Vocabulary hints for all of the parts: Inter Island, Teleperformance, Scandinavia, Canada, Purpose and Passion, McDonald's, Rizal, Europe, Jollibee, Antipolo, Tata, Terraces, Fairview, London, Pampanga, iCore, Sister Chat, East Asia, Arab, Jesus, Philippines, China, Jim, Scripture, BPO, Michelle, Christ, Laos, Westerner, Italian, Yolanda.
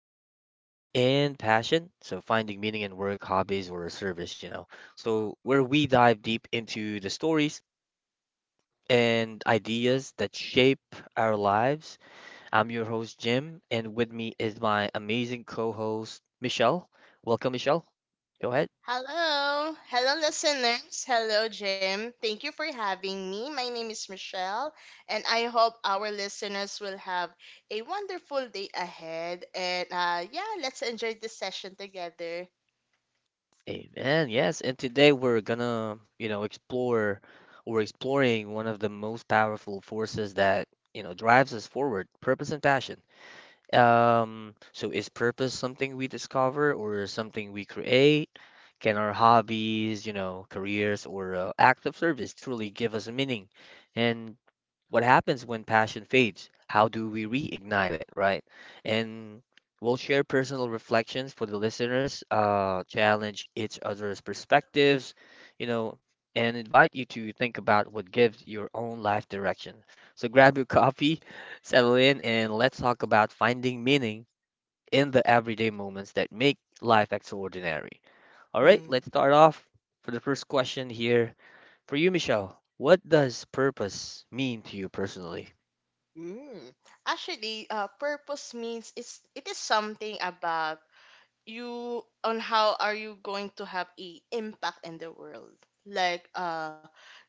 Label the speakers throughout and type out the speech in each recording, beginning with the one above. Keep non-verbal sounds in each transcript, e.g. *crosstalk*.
Speaker 1: Purpose and Passion. So, finding meaning in work, hobbies, or service, you know. So, where we dive deep into the stories and ideas that shape our lives. I'm your host, Jim, and with me is my amazing co host, Michelle. Welcome, Michelle. Go ahead.
Speaker 2: Hello. Hello, listeners. Hello, Jim. Thank you for having me. My name is Michelle, and I hope our listeners will have a wonderful day ahead. And yeah, let's enjoy this session together.
Speaker 1: Amen. Yes, and today we're gonna, you know, explore or exploring one of the most powerful forces that, you know, drives us forward, purpose and passion. So is purpose something we discover or something we create? Can our hobbies, you know, careers or act of service truly give us meaning? And what happens when passion fades? How do we reignite it, right? And we'll share personal reflections for the listeners, challenge each other's perspectives, you know, and invite you to think about what gives your own life direction. So grab your coffee, *laughs* settle in, and let's talk about finding meaning in the everyday moments that make life extraordinary. All right,
Speaker 2: Hmm.
Speaker 1: let's start off for the first question here for you, Michelle. What does purpose mean to you personally?
Speaker 2: Mm. Actually, purpose means it is something about you on how are you going to have a impact in the world like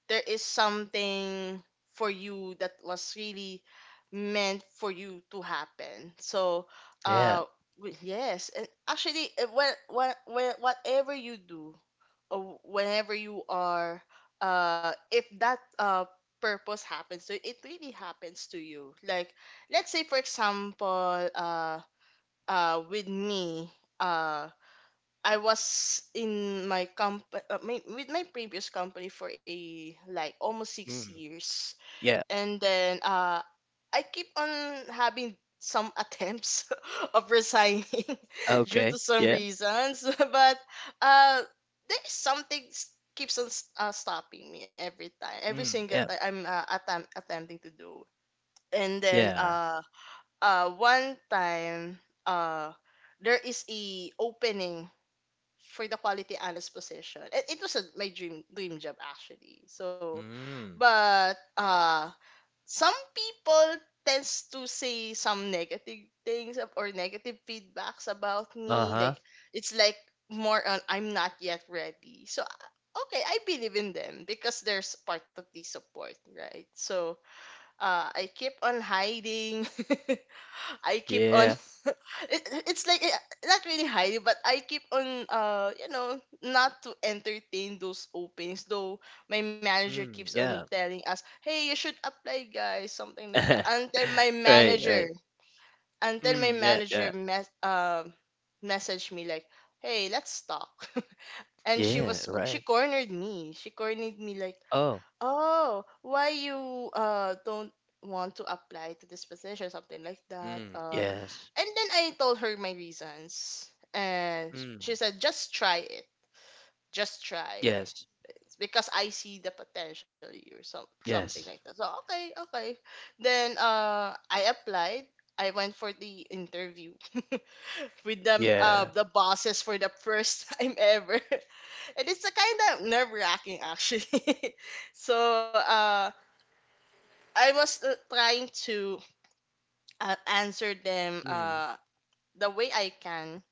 Speaker 2: there is something for you that was really meant for you to happen
Speaker 1: Yeah.
Speaker 2: uh yes, and actually when, when, whatever you do or whenever you are if that purpose happens to you, it really happens to you. Let's say for example with me uh I was in my company with my previous company for a like almost six
Speaker 1: Mm.
Speaker 2: years,
Speaker 1: Yeah.
Speaker 2: and then I keep on having some attempts *laughs* of resigning *laughs* due
Speaker 1: Okay.
Speaker 2: to some
Speaker 1: Yeah.
Speaker 2: reasons, *laughs* but uh, there's something stopping me every time, every
Speaker 1: Mm.
Speaker 2: single
Speaker 1: Yeah.
Speaker 2: time I'm attempting to do. And then
Speaker 1: Yeah.
Speaker 2: One time uh, there is a opening for the quality analyst position. It was a, my dream dream job actually. So,
Speaker 1: Mm.
Speaker 2: but uh, some people tends to say some negative things or negative feedbacks about me.
Speaker 1: Uh-huh.
Speaker 2: It's like more on I'm not yet ready. So okay, I believe in them because there's part of the support, right? So I keep on hiding. *laughs* I keep on *laughs*
Speaker 1: Yeah.
Speaker 2: it, it's like eh, not really highly, but I keep on you know, not to entertain those openings, though my manager
Speaker 1: Mm.
Speaker 2: keeps on
Speaker 1: Yeah.
Speaker 2: telling us, hey, you should apply guys, something like that,
Speaker 1: *laughs*
Speaker 2: until my
Speaker 1: Right, right.
Speaker 2: manager until my
Speaker 1: Mm. Yeah. Yeah.
Speaker 2: manager mes- uh, messaged me like, hey, let's talk. *laughs* And
Speaker 1: Yeah. Right.
Speaker 2: she cornered me, she cornered me like,
Speaker 1: Oh.
Speaker 2: oh, why you don't want to apply to this position, something like that
Speaker 1: Mm. Yeah. Yes.
Speaker 2: And then I told her my reasons. And
Speaker 1: Mm.
Speaker 2: she said, just try it. Just try.
Speaker 1: Yes.
Speaker 2: Because I see the potential in you here, some, something
Speaker 1: Yes.
Speaker 2: like that. So, okay, okay. Then I applied. I went for the interview *laughs* with
Speaker 1: Yeah.
Speaker 2: the bosses for the first *laughs* time ever. *laughs* And it's a kind of nerve wracking, actually. *laughs* so, uh, I was trying to answer them
Speaker 1: Mm.
Speaker 2: the way I can,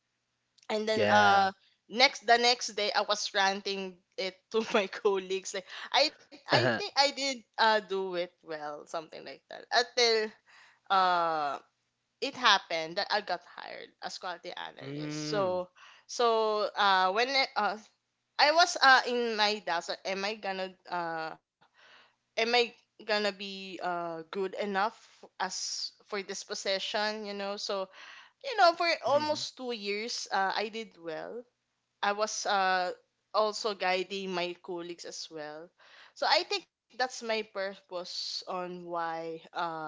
Speaker 2: and then
Speaker 1: Yeah.
Speaker 2: uh next the next day I was ranting it to *laughs* my colleagues like, I think
Speaker 1: *laughs*
Speaker 2: I did do it well, something like that, until uh it happened that I got hired as quality analyst.
Speaker 1: Mm.
Speaker 2: So uh when I, uh I was in my doubts like, am I gonna be good enough as for this position, you know. So you know, for
Speaker 1: Mm.
Speaker 2: almost 2 years I did well. I was also guiding my colleagues as well. So I think that's my purpose on why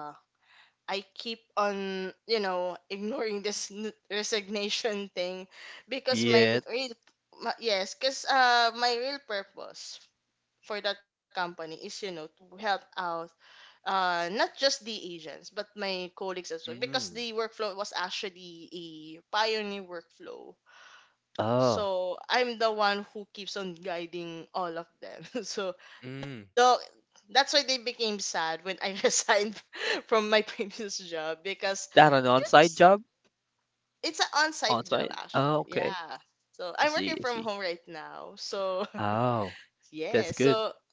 Speaker 2: I keep on, you know, *laughs* ignoring this resignation thing, because my
Speaker 1: Yeah.
Speaker 2: m- real, my, yes, because my real purpose for that company is, you know, to help out not just the agents, but my colleagues as well, because
Speaker 1: Mm.
Speaker 2: the workflow was actually a pioneer workflow,
Speaker 1: Oh.
Speaker 2: so I'm the one who keeps on guiding all of them. *laughs* So the
Speaker 1: Mm.
Speaker 2: that's why they became sad when I *laughs* resigned from my previous job, because
Speaker 1: That an
Speaker 2: it's
Speaker 1: on-site job?
Speaker 2: it's an on-site job
Speaker 1: On-site?
Speaker 2: actually.
Speaker 1: Oh, okay.
Speaker 2: Yeah. So
Speaker 1: I
Speaker 2: I'm
Speaker 1: see.
Speaker 2: working
Speaker 1: I
Speaker 2: from
Speaker 1: see.
Speaker 2: home right now. So
Speaker 1: Oh, that's
Speaker 2: yeah,
Speaker 1: good.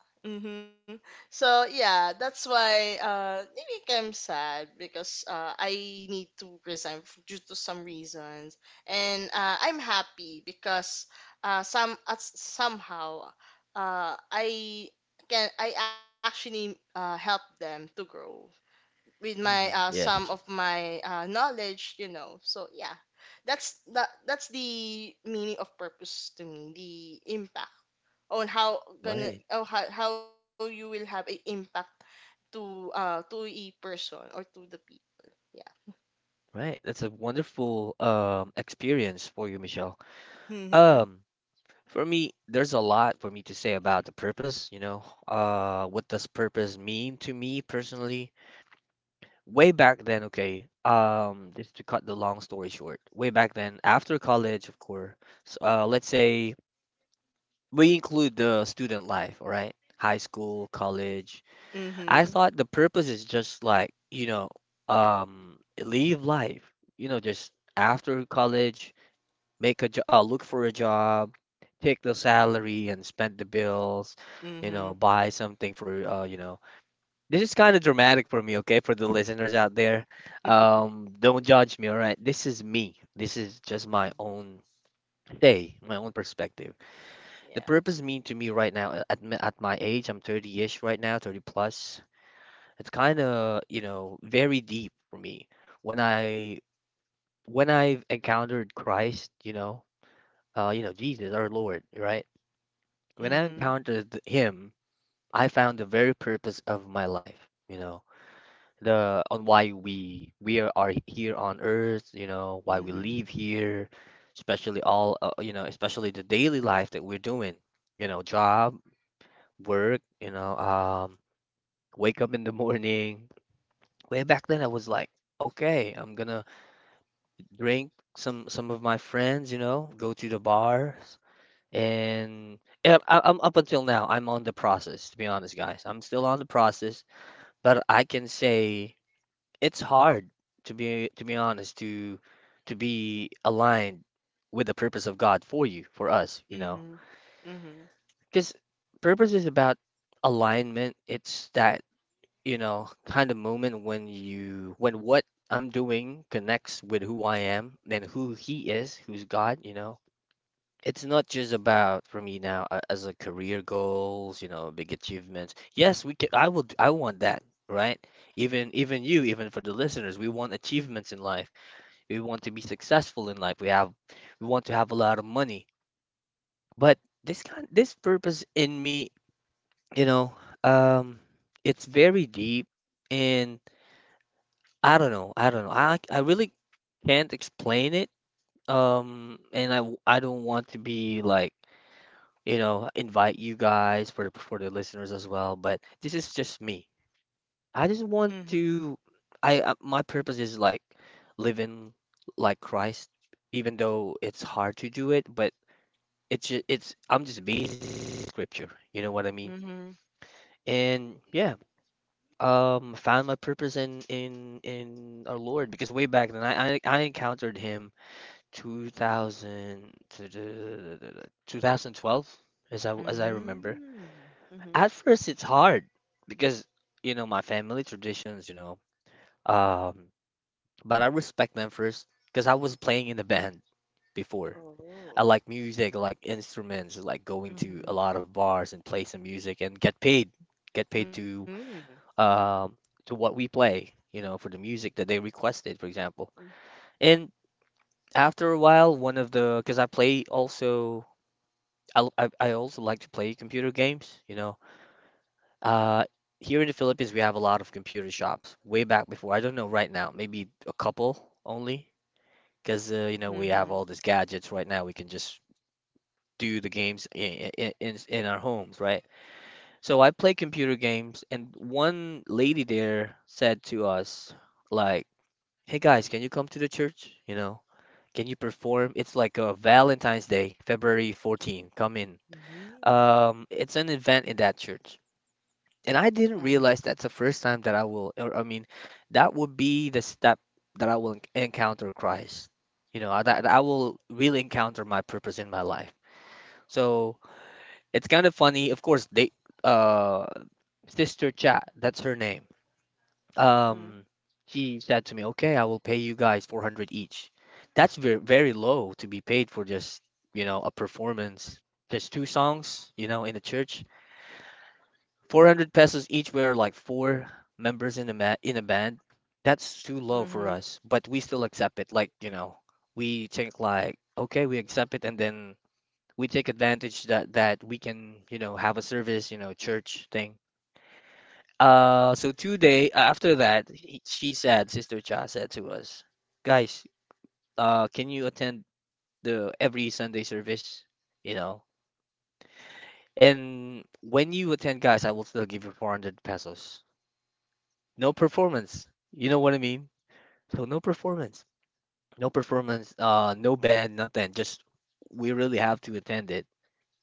Speaker 2: mhm. So yeah, that's why maybe I'm sad because I need to resign due to some reasons, and I'm happy because somehow uh I I actually help them to grow with my
Speaker 1: Mhm.
Speaker 2: some of
Speaker 1: Yes,
Speaker 2: my knowledge, you know. So yeah. That's that's the meaning of purpose to me, the impact on how gonna
Speaker 1: right,
Speaker 2: oh, how you will have an impact to a person or to the people, yeah.
Speaker 1: right. That's a wonderful experience for you, Michelle.
Speaker 2: Mhm.
Speaker 1: Um, for me, there's a lot for me to say about the purpose, you know. What does purpose mean to me personally? Way back then, okay. Just to cut the long story short, way back then, after college, of course, let's say we include the student life, all right? High school, college, I
Speaker 2: Mhm.
Speaker 1: thought the purpose is just like, you know, um, live life, you know, just after college, make a job, look for a job, take the salary and spend the bills, you know,
Speaker 2: Mhm.
Speaker 1: buy something for, you know. This is kind of dramatic for me, okay, for the listeners out there. Don't judge me, all right? This is me. This is just my own day, my own perspective. The
Speaker 2: Yeah.
Speaker 1: purpose mean to me right now at, at my age, I'm 30-ish right now, 30 plus. It's kind of, you know, very deep for me. When I when I've encountered Christ, you know, Jesus, our Lord, right? When I
Speaker 2: Mhm.
Speaker 1: encountered him, I found the very purpose of my life, you know, the on why we are here on earth, you know, why we live
Speaker 2: Mhm.
Speaker 1: here, especially all, you know, especially the daily life that we're doing, you know, job, work, you know, wake up in the morning. Way back then, I was like, okay, I'm gonna drink some of my friends, you know, go to the bars. And yeah, I'm up until now, I'm on the process, to be honest, guys. I'm still on the process, but I can say it's hard to be honest, to be aligned with the purpose of God for you, for us, you know.
Speaker 2: Mhm. Mhm.
Speaker 1: Because purpose is about alignment. It's that, you know, kind of moment when you when what I'm doing connects with who I am, then who he is, who's God, you know it's not just about for me now as a career goals, you know, big achievements. Yes, we can. I would. I want that, right? Even you, even for the listeners, we want achievements in life. We want to be successful in life. We want to have a lot of money. But this kind, this purpose in me, you know, um, it's very deep, and I don't know. I don't know. I really can't explain it. I don't want to be like you know, invite you guys for the listeners as well. But this is just me. I just want
Speaker 2: Mhm.
Speaker 1: to. I My purpose is like living like Christ, even though it's hard to do it. But it's I'm just based in Scripture. You know what I mean?
Speaker 2: Mhm.
Speaker 1: And yeah, found my purpose in our Lord because way back then I encountered Him 2000 2012 as I remember.
Speaker 2: Mhm. Mhm.
Speaker 1: At first, it's hard because, you know, my family traditions, you know, um, but I respect them first because I was playing in the band before. I
Speaker 2: Oh.
Speaker 1: like music, I like instruments, I like going to a
Speaker 2: Mhm.
Speaker 1: lot of bars and play some music and get paid, get paid to
Speaker 2: Mm.
Speaker 1: um to what we play, you know, for the music that they requested, for example. And after a while, one of the because I play also I also like to play computer games, you know. Uh, here in the Philippines, we have a lot of computer shops. Way back before, I don't know right now, maybe a couple only, because you know we have all
Speaker 2: Mhm.
Speaker 1: these gadgets right now. We can just do the games in our homes, right? So I play computer games, and one lady there said to us, like, "Hey guys, can you come to the church? You know, can you perform? It's like a Valentine's Day, February 14. Come in."
Speaker 2: Mhm.
Speaker 1: It's an event in that church, and I
Speaker 2: Uh-huh.
Speaker 1: didn't realize that's the first time that I will, or I mean, that would be the step that I will encounter Christ. You know, that I
Speaker 2: Mhm.
Speaker 1: will really encounter my purpose in my life. So it's kind of funny. Of course, they, uh, Sister Chat, that's her name. Um, she said to me, "Okay, I will pay you guys 400 each." That's very low to be paid for just, you know, a performance, just two songs, you know, in the church. 400 pesos each. We are like four members in the in a band. That's too low for
Speaker 2: Mhm.
Speaker 1: us, but we still accept it. Like, you know, we think like, okay, we accept it, and then we take advantage that we can, you know, have a service, you know, church thing. So 2 day after that, she said, Sister Cha said to us, guys, can you attend the every Sunday service? You know, and when you attend, guys, I will still give you 400 pesos. No performance. You know what I mean? So no performance, no performance, no band, nothing. Just we really have to attend it.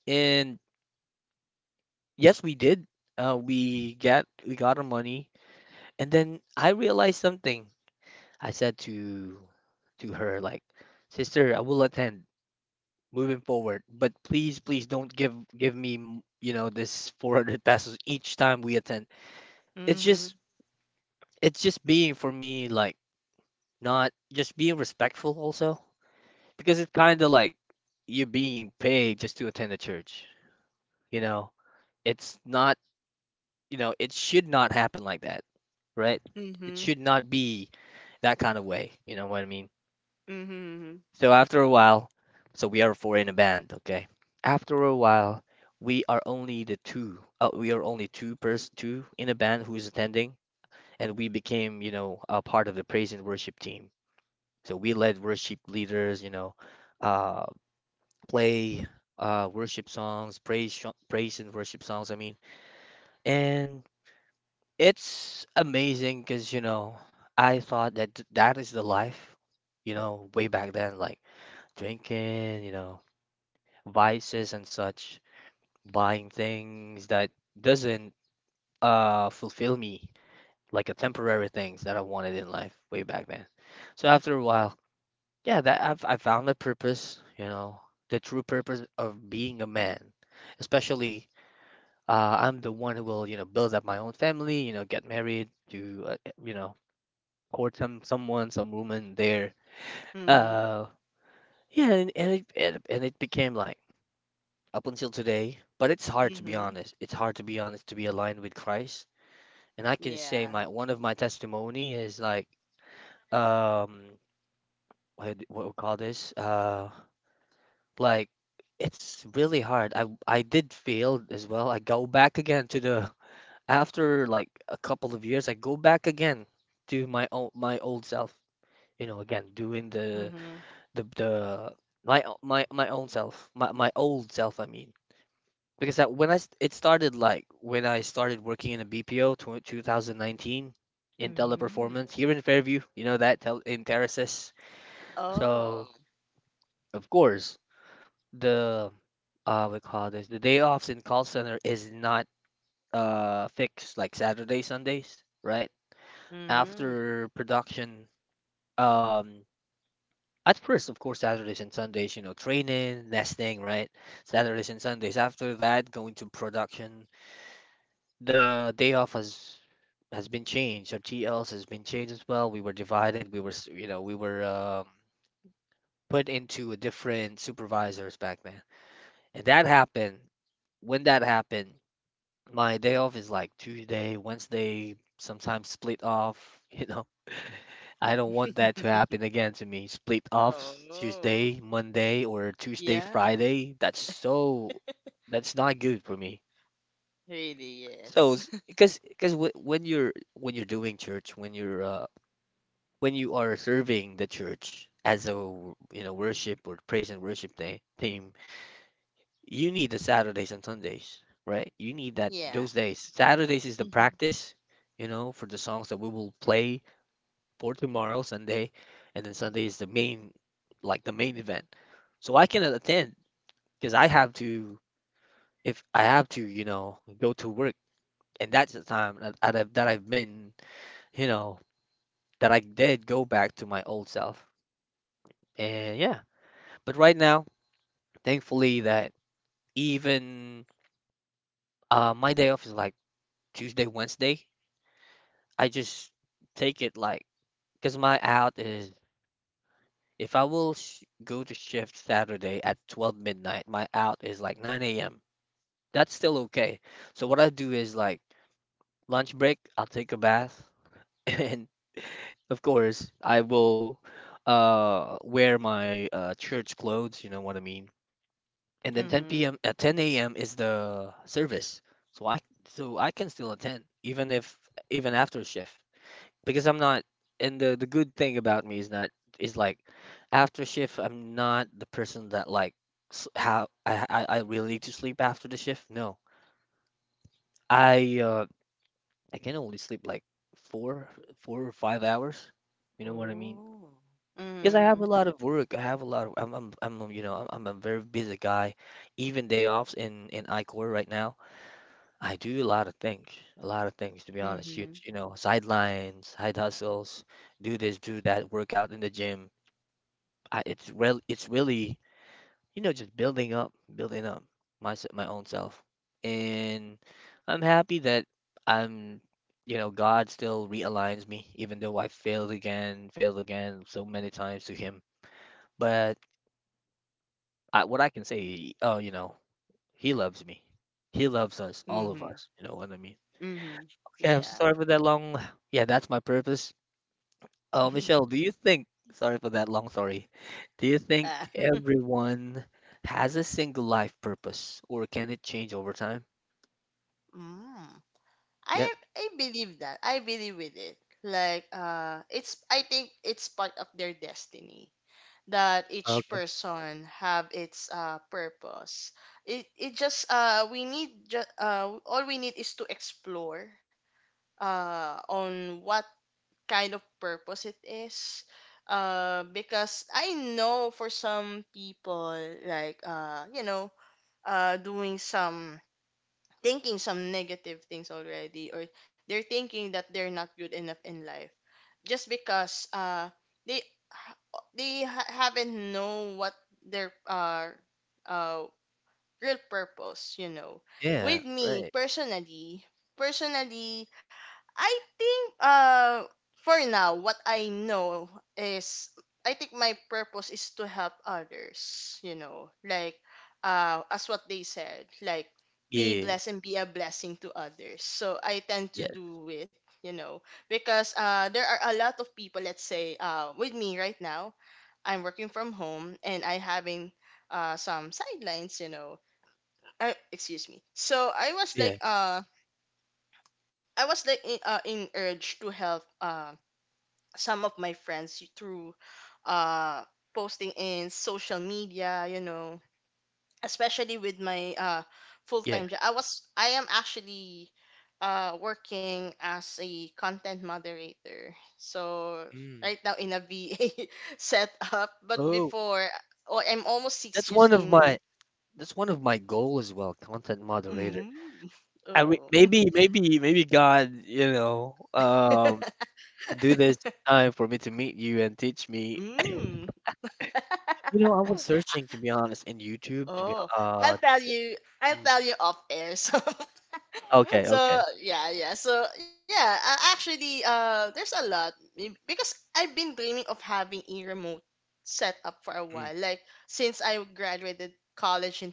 Speaker 1: And yes, we did. We got our money, and then I realized something. I said to her like, "Sister, I will attend moving forward, but please, please don't give me you know this 400 pesos each time we attend. It's
Speaker 2: Mhm.
Speaker 1: just it's just being for me like not just being respectful also because it's kind of like you're being paid just to attend the church. You know, it's not, you know, it should not happen like that, right? It
Speaker 2: Mhm.
Speaker 1: should not be that kind of way. You know what I mean?
Speaker 2: Mhm.
Speaker 1: So after a while, so we are four in a band, okay? After a while, we are only the two. We are only two in a band who is attending, and we became, you know, a part of the praise and worship team. So we led worship leaders, you know, uh, play worship songs, praise and worship songs. I mean, and it's amazing because you know I thought that that is the life, you know, way back then, like drinking, you know, vices and such, buying things that doesn't fulfill me, like a temporary things that I wanted in life way back then. So after a while, yeah, that I've I found the purpose, you know, the true purpose of being a man, especially I'm the one who will, you know, build up my own family, you know, get married, to, you know, court someone, some woman there.
Speaker 2: Mhm.
Speaker 1: Uh, yeah, it and it became like up until today. But it's
Speaker 2: Mhm.
Speaker 1: hard to be
Speaker 2: Mhm.
Speaker 1: honest. It's hard to be honest to be aligned with Christ. And I
Speaker 2: Yeah.
Speaker 1: can say my one of my testimony is like, um, what what we call this? Like it's really hard. I did fail as well. I go back again to the after like a couple of years, I go back again to my old self. You know, again doing
Speaker 2: Mhm.
Speaker 1: the my own self, my old self. I mean, because that when it started like when I started working in a BPO tw 2019 in
Speaker 2: Mm.
Speaker 1: teleperformance here in Fairview. You know that tel in Terraces.
Speaker 2: Oh.
Speaker 1: So, of course, the we call this the day offs in call center is not fixed, like Saturday, Sundays, right?
Speaker 2: Mm.
Speaker 1: After production, um at first, of course, Saturdays and Sundays, training, nesting, right? Saturdays and Sundays. After that, going to production, the day off has been changed. Our TLs has been changed as well. We were divided. We were s- you know we were um, put into a different supervisors back then. And that happened when that happened, my day off is like Tuesday, Wednesday, sometimes split off, *laughs* . I don't want that to happen again to me. Split offs
Speaker 2: Oh.
Speaker 1: Tuesday, Monday, or Tuesday,
Speaker 2: Yeah.
Speaker 1: Friday. That's not good for me.
Speaker 2: Really,
Speaker 1: So,
Speaker 2: yes. *laughs*
Speaker 1: because when you're doing church, when you're when you are serving the church as a worship or praise and worship day, team, you need the Saturdays and Sundays, right? You need that
Speaker 2: Yeah.
Speaker 1: those days. Saturdays is the
Speaker 2: Mhm.
Speaker 1: practice, for the songs that we will play for tomorrow, Sunday, and then Sunday is the main, like the main event. So I cannot attend because I have to, if I have to, go to work, and that's the time that that I've been, you know, that I did go back to my old self. And, yeah, but right now, thankfully that even, my day off is like Tuesday, Wednesday, I just take it like, because my out is, if I will sh go to shift Saturday at 12 midnight, my out is like 9 a.m. That's still okay. So what I do is like lunch break, I'll take a bath, *laughs* and of course I will wear my church clothes, you know what I mean? And then 10
Speaker 2: Mhm.
Speaker 1: p.m. at 10 a.m. is the service. So I can still attend, even if even after shift, because I'm not. And the good thing about me is not, is like, after shift, I'm not the person that, like, how I really need to sleep after the shift. No, I uh I can only sleep like four 4 or 5 hours. You know what I mean?
Speaker 2: Oh.
Speaker 1: Because I have
Speaker 2: Mhm.
Speaker 1: a lot of work. I have a lot of I'm you know I'm a very busy guy. Even day offs in iCore right now, I do a lot of things, a lot of things, to be honest.
Speaker 2: Mhm.
Speaker 1: Sidelines, side hustles, do this, do that, workout in the gym. It's really, just building up my own self. And I'm happy that I'm God still realigns me, even though I failed again, failed again, so many times to him. But what I can say, oh, he loves me, he loves us, all of
Speaker 2: Mhm.
Speaker 1: us, you know what I mean?
Speaker 2: Mhm.
Speaker 1: Okay, I'm so
Speaker 2: Yeah.
Speaker 1: sorry for that long. Yeah, that's my purpose. Oh, Michelle, do you think, sorry for that long story, do you think
Speaker 2: Uh, *laughs*
Speaker 1: everyone has a single life purpose or can it change over time?
Speaker 2: mm. I
Speaker 1: Yep.
Speaker 2: I believe that. I believe with it. Like it's I think it's part of their destiny, that each
Speaker 1: Okay.
Speaker 2: person have its purpose. It just we need just All we need is to explore on what kind of purpose it is, because I know for some people like uh, you know doing some, thinking some negative things already, or they're thinking that they're not good enough in life just because they haven't know what their uh real purpose, you know.
Speaker 1: Yeah,
Speaker 2: With me
Speaker 1: right.
Speaker 2: personally Personally, I think for now what I know is, I think my purpose is to help others, you know, like as what they said, like be
Speaker 1: Yeah.
Speaker 2: blessed and be a blessing to others. So I tend
Speaker 1: Yeah.
Speaker 2: to do it, you know, because there are a lot of people, let's say, with me right now, I'm working from home and I having some sidelines, you know. Excuse me. So
Speaker 1: Yeah.
Speaker 2: I was like in urge to help some of my friends through uh, posting in social media, you know, especially with my full
Speaker 1: Yeah.
Speaker 2: time job. I am actually working as a content moderator. So
Speaker 1: Mm.
Speaker 2: right now in a VA *laughs* setup, but
Speaker 1: Oh,
Speaker 2: before, oh, I'm almost six
Speaker 1: that's
Speaker 2: years
Speaker 1: one of
Speaker 2: in.
Speaker 1: my that's one of my goal as well, content moderator.
Speaker 2: Mm,
Speaker 1: I re
Speaker 2: oh.
Speaker 1: maybe maybe maybe God,
Speaker 2: *laughs*
Speaker 1: do this time for me to meet you and teach me.
Speaker 2: mm.
Speaker 1: You know, I was
Speaker 2: *laughs*
Speaker 1: searching, to be honest, in YouTube to be,
Speaker 2: Oh, I'll tell you.
Speaker 1: mm,
Speaker 2: I'll tell you off air. So, *laughs*
Speaker 1: okay, okay.
Speaker 2: actually, there's a lot m- because I've been dreaming of having a remote setup for a
Speaker 1: Mm,
Speaker 2: while. Like since I graduated college in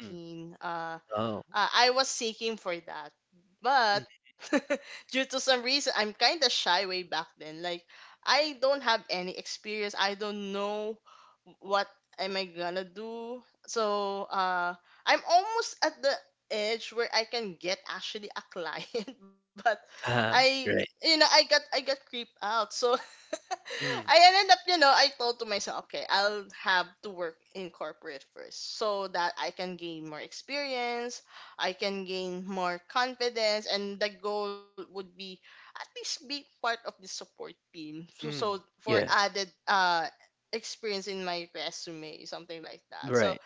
Speaker 1: mm. Oh.
Speaker 2: I was seeking for that.
Speaker 1: Mm.
Speaker 2: But *laughs* due to some reason, I'm kind of shy way back then. Like, I don't have any experience. I don't know what am I gonna do. So, I'm almost at the edge where I can get actually a client, *laughs* but
Speaker 1: uh
Speaker 2: I,
Speaker 1: Right.
Speaker 2: you know, I got creeped out. So, *laughs* I
Speaker 1: Mm,
Speaker 2: ended up, you know, I told to myself, okay, I'll have to work in corporate first so that I can gain more experience, I can gain more confidence, and the goal would be at least be part of the support team. So, so
Speaker 1: mm,
Speaker 2: for
Speaker 1: yeah.
Speaker 2: added experience in my resume, something like that. So,
Speaker 1: Right.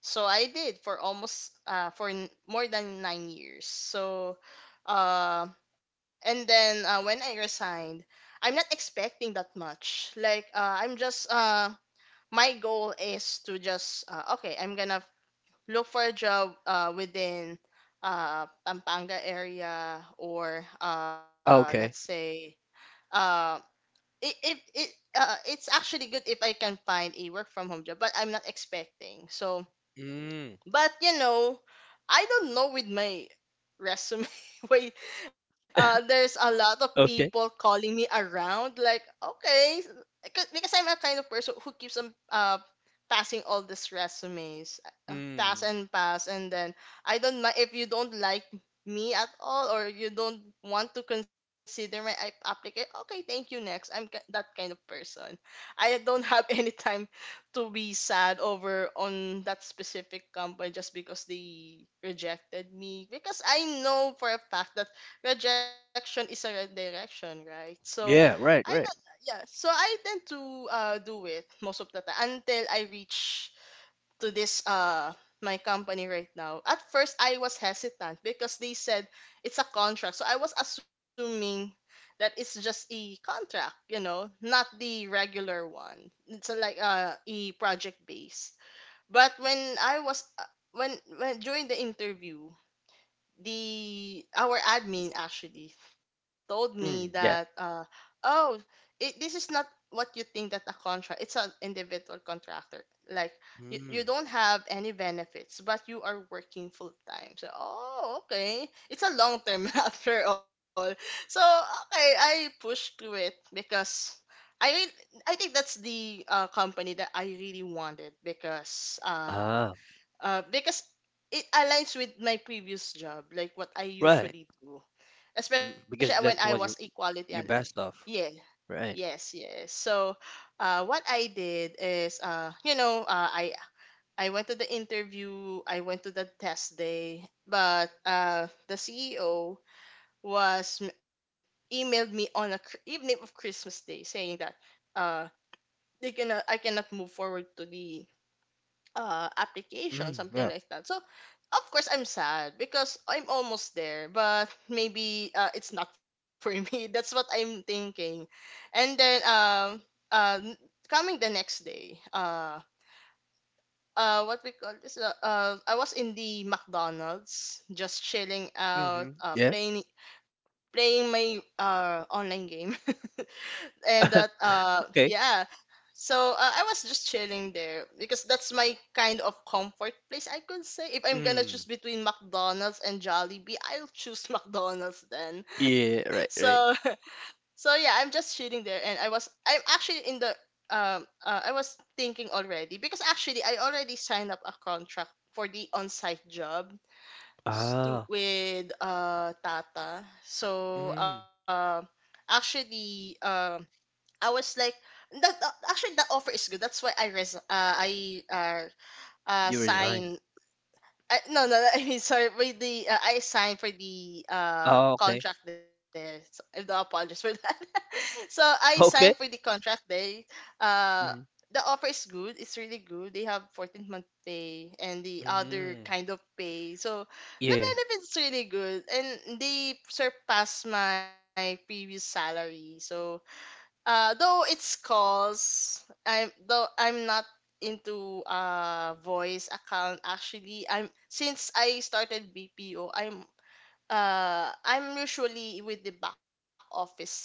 Speaker 2: so I did for almost more than 9 years. So, uh, and then when I resigned, I'm not expecting that much. Like, I'm just My goal is to just okay, I'm gonna look for a job within Pampanga area, or let's
Speaker 1: Okay.
Speaker 2: say uh, it, it, it, it's actually good if I can find a work from home job, but I'm not expecting. So
Speaker 1: Mm,
Speaker 2: but you know, I don't know, with my resume *laughs* way there's a lot of
Speaker 1: okay.
Speaker 2: people calling me around like okay, because I'm a kind of person who keeps on passing all these resumes, pass
Speaker 1: Mm,
Speaker 2: and pass. And then I don't mind if you don't like me at all, or you don't want to consider my application. Okay, thank you, next. That kind of person. I don't have *laughs* any time to be sad over on that specific company just because they rejected me, because I know for a fact that rejection is a redirection, right? So
Speaker 1: yeah.
Speaker 2: I
Speaker 1: Right.
Speaker 2: don't,
Speaker 1: Right.
Speaker 2: yeah, so I tend to do it most of the time until I reach to this my company right now. At first I was hesitant because they said it's a contract. So I was assuming that it's just a contract, you know, not the regular one. It's a, a project based. But when I was when when during the interview, the our admin actually told me that
Speaker 1: Mm, yeah.
Speaker 2: oh, this is not what you think that a contract, it's an individual contractor, like
Speaker 1: Mm,
Speaker 2: you don't have any benefits but you are working full time. So oh, okay, it's a long term *laughs* after all. So okay, I pushed through it because I really, I think that's the company that I really wanted,
Speaker 1: ah.
Speaker 2: because it aligns with my previous job, like what I
Speaker 1: Right.
Speaker 2: usually do,
Speaker 1: Mm,
Speaker 2: especially when I
Speaker 1: because
Speaker 2: was
Speaker 1: that's what you
Speaker 2: equality only.
Speaker 1: you best of.
Speaker 2: Yeah,
Speaker 1: Right.
Speaker 2: yes, yes. So what I did is, I went to the interview, I went to the test day, but the CEO was m- emailed me on evening of Christmas Day saying that uh, they cannot, I cannot move forward to the application,
Speaker 1: Mm,
Speaker 2: something
Speaker 1: yeah.
Speaker 2: like that. So, of course, I'm sad because I'm almost there, but maybe it's not for *laughs* me. That's what I'm thinking. And then, um, uh, n- Coming the next day, what we call this, I was in the McDonald's, just chilling out,
Speaker 1: Mm-hmm,
Speaker 2: uh,
Speaker 1: yeah.
Speaker 2: playing, playing my online game. *laughs* And that
Speaker 1: Okay.
Speaker 2: yeah. So I was just chilling there because that's my kind of comfort place, I could say. If I'm gonna choose
Speaker 1: Mm,
Speaker 2: between McDonald's and Jollibee, I'll choose *laughs* McDonald's then.
Speaker 1: yeah. Right.
Speaker 2: So
Speaker 1: Right.
Speaker 2: *laughs* so yeah, I'm just chilling there and I was I'm actually in the I was thinking already, because actually I already signed up a contract for the on-site job
Speaker 1: Ah.
Speaker 2: with Tata. so
Speaker 1: Mm,
Speaker 2: uh actually um I was like that actually that offer is good. That's why I res- I
Speaker 1: you resign.
Speaker 2: sign I, no, *laughs* I mean, sorry for the I signed for the
Speaker 1: Oh. Okay.
Speaker 2: contract there. So, I do apologize for that. *laughs* So I signed for the
Speaker 1: Okay.
Speaker 2: contract there. Uh
Speaker 1: Hmm.
Speaker 2: the offer is good. It's really good. They have 14-month pay and the other
Speaker 1: Mm,
Speaker 2: kind of pay. So the
Speaker 1: yeah.
Speaker 2: benefits really good and they surpass my previous salary. So though it's calls, I'm not into voice account actually. I'm Since I started BPO, I'm usually with the back office side.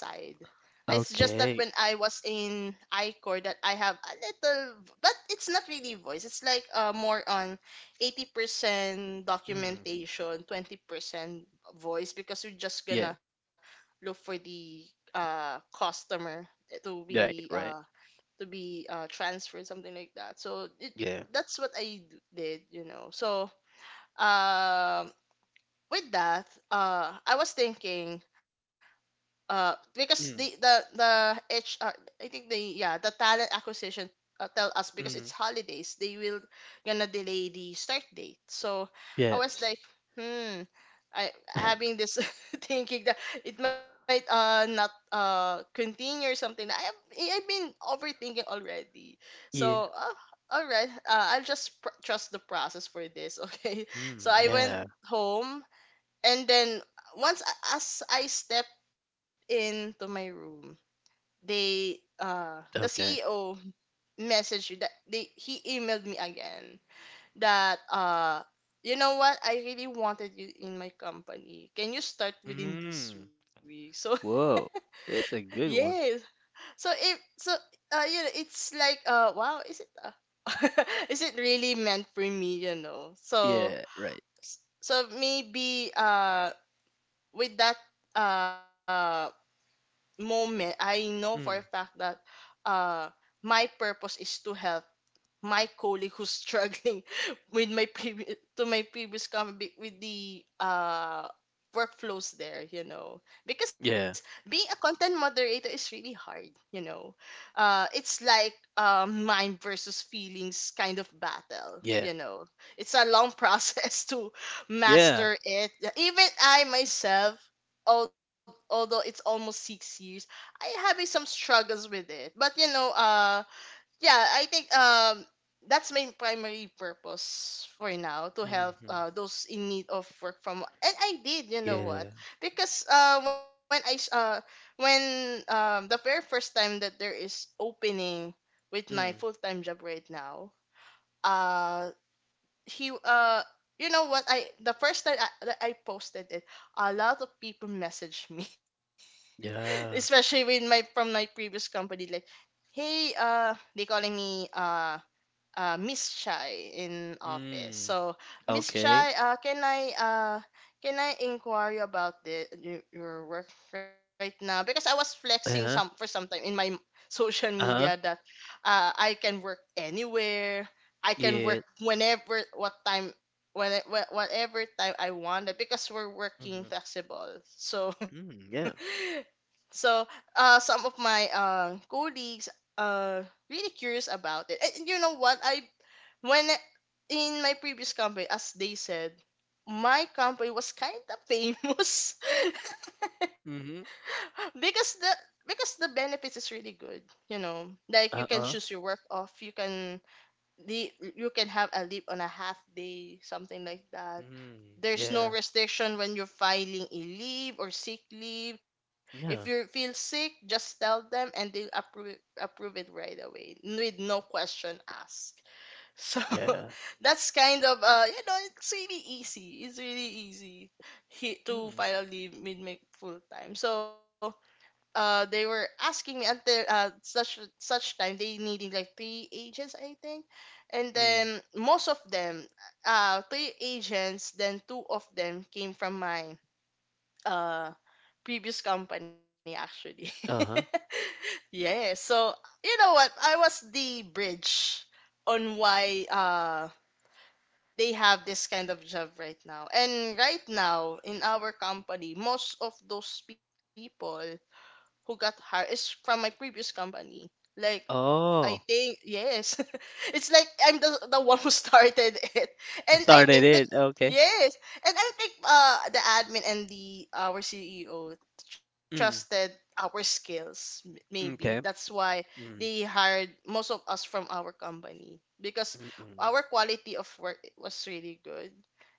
Speaker 2: It's just that when I
Speaker 1: Okay.
Speaker 2: was in iCore that I have a little, but it's not really voice. It's like more on 80%
Speaker 1: Mm.
Speaker 2: documentation, 20% voice, because we're just
Speaker 1: Yeah.
Speaker 2: gonna look for the customer to be
Speaker 1: Right.
Speaker 2: uh,
Speaker 1: Right.
Speaker 2: to be transferred, something like that. So it,
Speaker 1: Yeah.
Speaker 2: that's did, So um with that, I was thinking, because the the
Speaker 1: Mm,
Speaker 2: the HR, I think the yeah the talent acquisition tell us because it's
Speaker 1: mm.
Speaker 2: holidays, they will gonna delay the start date. So I was
Speaker 1: Yes.
Speaker 2: like, hmm, I having this *laughs* thinking that it might not continue or something. I've been overthinking already.
Speaker 1: Yeah.
Speaker 2: So all right, trust the process for this. *laughs* Okay, so
Speaker 1: Mm,
Speaker 2: I went
Speaker 1: yeah.
Speaker 2: home, and then once as I stepped into my room, the
Speaker 1: Okay.
Speaker 2: CEO messaged me that they he emailed me again that you know what, I really wanted you in my company. Can you start within this
Speaker 1: Mm.
Speaker 2: week? So
Speaker 1: Whoa.
Speaker 2: *laughs*
Speaker 1: It's a good
Speaker 2: yes.
Speaker 1: one.
Speaker 2: So if so you know, it's like wow, is it *laughs* is it really meant for me, you know? So
Speaker 1: Yeah. Right.
Speaker 2: so maybe, with that uh moment, I know for a
Speaker 1: Mm.
Speaker 2: fact that uh, my purpose is to help my colleague who's struggling *laughs* with my previous to my previous company with the workflows there, you know,
Speaker 1: Yeah.
Speaker 2: because being a content moderator is really hard, you know. It's like mind versus feelings kind of battle,
Speaker 1: Yeah.
Speaker 2: you know. It's a long process *laughs* to
Speaker 1: Yeah.
Speaker 2: master it. Even I myself, although it's almost 6 years, I having some struggles with it. But you know yeah, I think that's my primary purpose for now, to help
Speaker 1: Mm-hmm.
Speaker 2: those in need of work and I did, you know what,
Speaker 1: Yeah.
Speaker 2: because when the very first time that there is opening with my
Speaker 1: Mm.
Speaker 2: full time job right now, uh he you know what, I the first time that I posted it, a lot of people messaged me, *laughs*
Speaker 1: Yeah.
Speaker 2: especially with my from my previous company, like, hey, they calling me Miss Chai in office.
Speaker 1: Mm.
Speaker 2: So, Miss
Speaker 1: Okay.
Speaker 2: Chai, can I inquire you about the your work right now? Because I was flexing some for
Speaker 1: Uh-huh.
Speaker 2: some time in my social media
Speaker 1: Uh-huh.
Speaker 2: that I can work anywhere. I can work
Speaker 1: Yeah.
Speaker 2: whenever, what time, when whatever time I want. Because we're working
Speaker 1: Mm-hmm.
Speaker 2: flexible, so. *laughs*
Speaker 1: Mm, yeah.
Speaker 2: So, some of my colleagues uh, really curious about it. And you know what? When I- in my previous company, as they said, my company was kind of famous
Speaker 1: Mm-hmm.
Speaker 2: *laughs* because the because the benefits is really good. You know, like you can
Speaker 1: Uh-uh.
Speaker 2: choose your work off. You can the you can have a leave on a half day, something like that.
Speaker 1: Mm.
Speaker 2: There's
Speaker 1: Yeah.
Speaker 2: no restriction when you're filing a leave or sick leave. If
Speaker 1: No.
Speaker 2: you feel sick, just tell them and they approve it right away with no question asked. So
Speaker 1: Yeah.
Speaker 2: *laughs* that's kind of you know, it's really easy. It's really easy
Speaker 1: Mm.
Speaker 2: to file leave mid make full time. So they were asking me until such time they needed like 3 agents I think, and
Speaker 1: Mm.
Speaker 2: then most of them 3 agents, then two of them came from my uh previous company actually. *laughs*
Speaker 1: Uh-huh.
Speaker 2: Yeah, so you know what, I was the bridge on why they have this kind of job right now, and right now in our company most of those people who got hired is from my previous company. Like, I
Speaker 1: Oh.
Speaker 2: think yes. *laughs* It's like I'm the one who *laughs* started it. And I
Speaker 1: Started
Speaker 2: think the
Speaker 1: it. Okay.
Speaker 2: yes. And I think the admin and the our CEO trusted
Speaker 1: Mm.
Speaker 2: our skills maybe.
Speaker 1: Okay.
Speaker 2: That's why they
Speaker 1: Mm.
Speaker 2: hired most of us from our company because
Speaker 1: Mm.
Speaker 2: our quality of work was really good.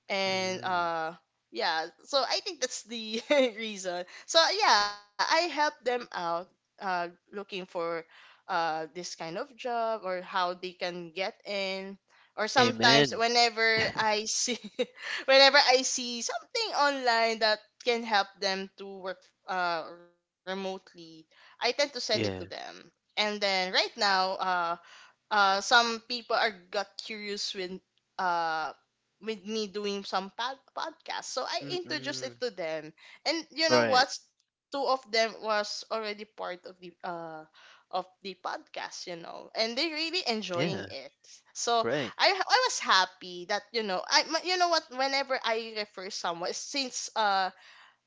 Speaker 2: And
Speaker 1: Mm.
Speaker 2: yeah, so I think that's the *laughs* reason. So yeah, I helped them out uh looking for this kind of job or how they can get in, or sometimes
Speaker 1: Amen.
Speaker 2: whenever I see *laughs* whenever I see something online that can help them to work remotely, I tend to send it to
Speaker 1: Yeah.
Speaker 2: them. And then right now some people are got curious uh with me doing some podcast, so I introduced it
Speaker 1: Mm-mm.
Speaker 2: to them. And you know
Speaker 1: Right.
Speaker 2: what, two of them was already part of the podcast, you know, and they really enjoying
Speaker 1: Yeah.
Speaker 2: it. So
Speaker 1: Right.
Speaker 2: I was happy that, you know, I you know what, whenever I refer someone since uh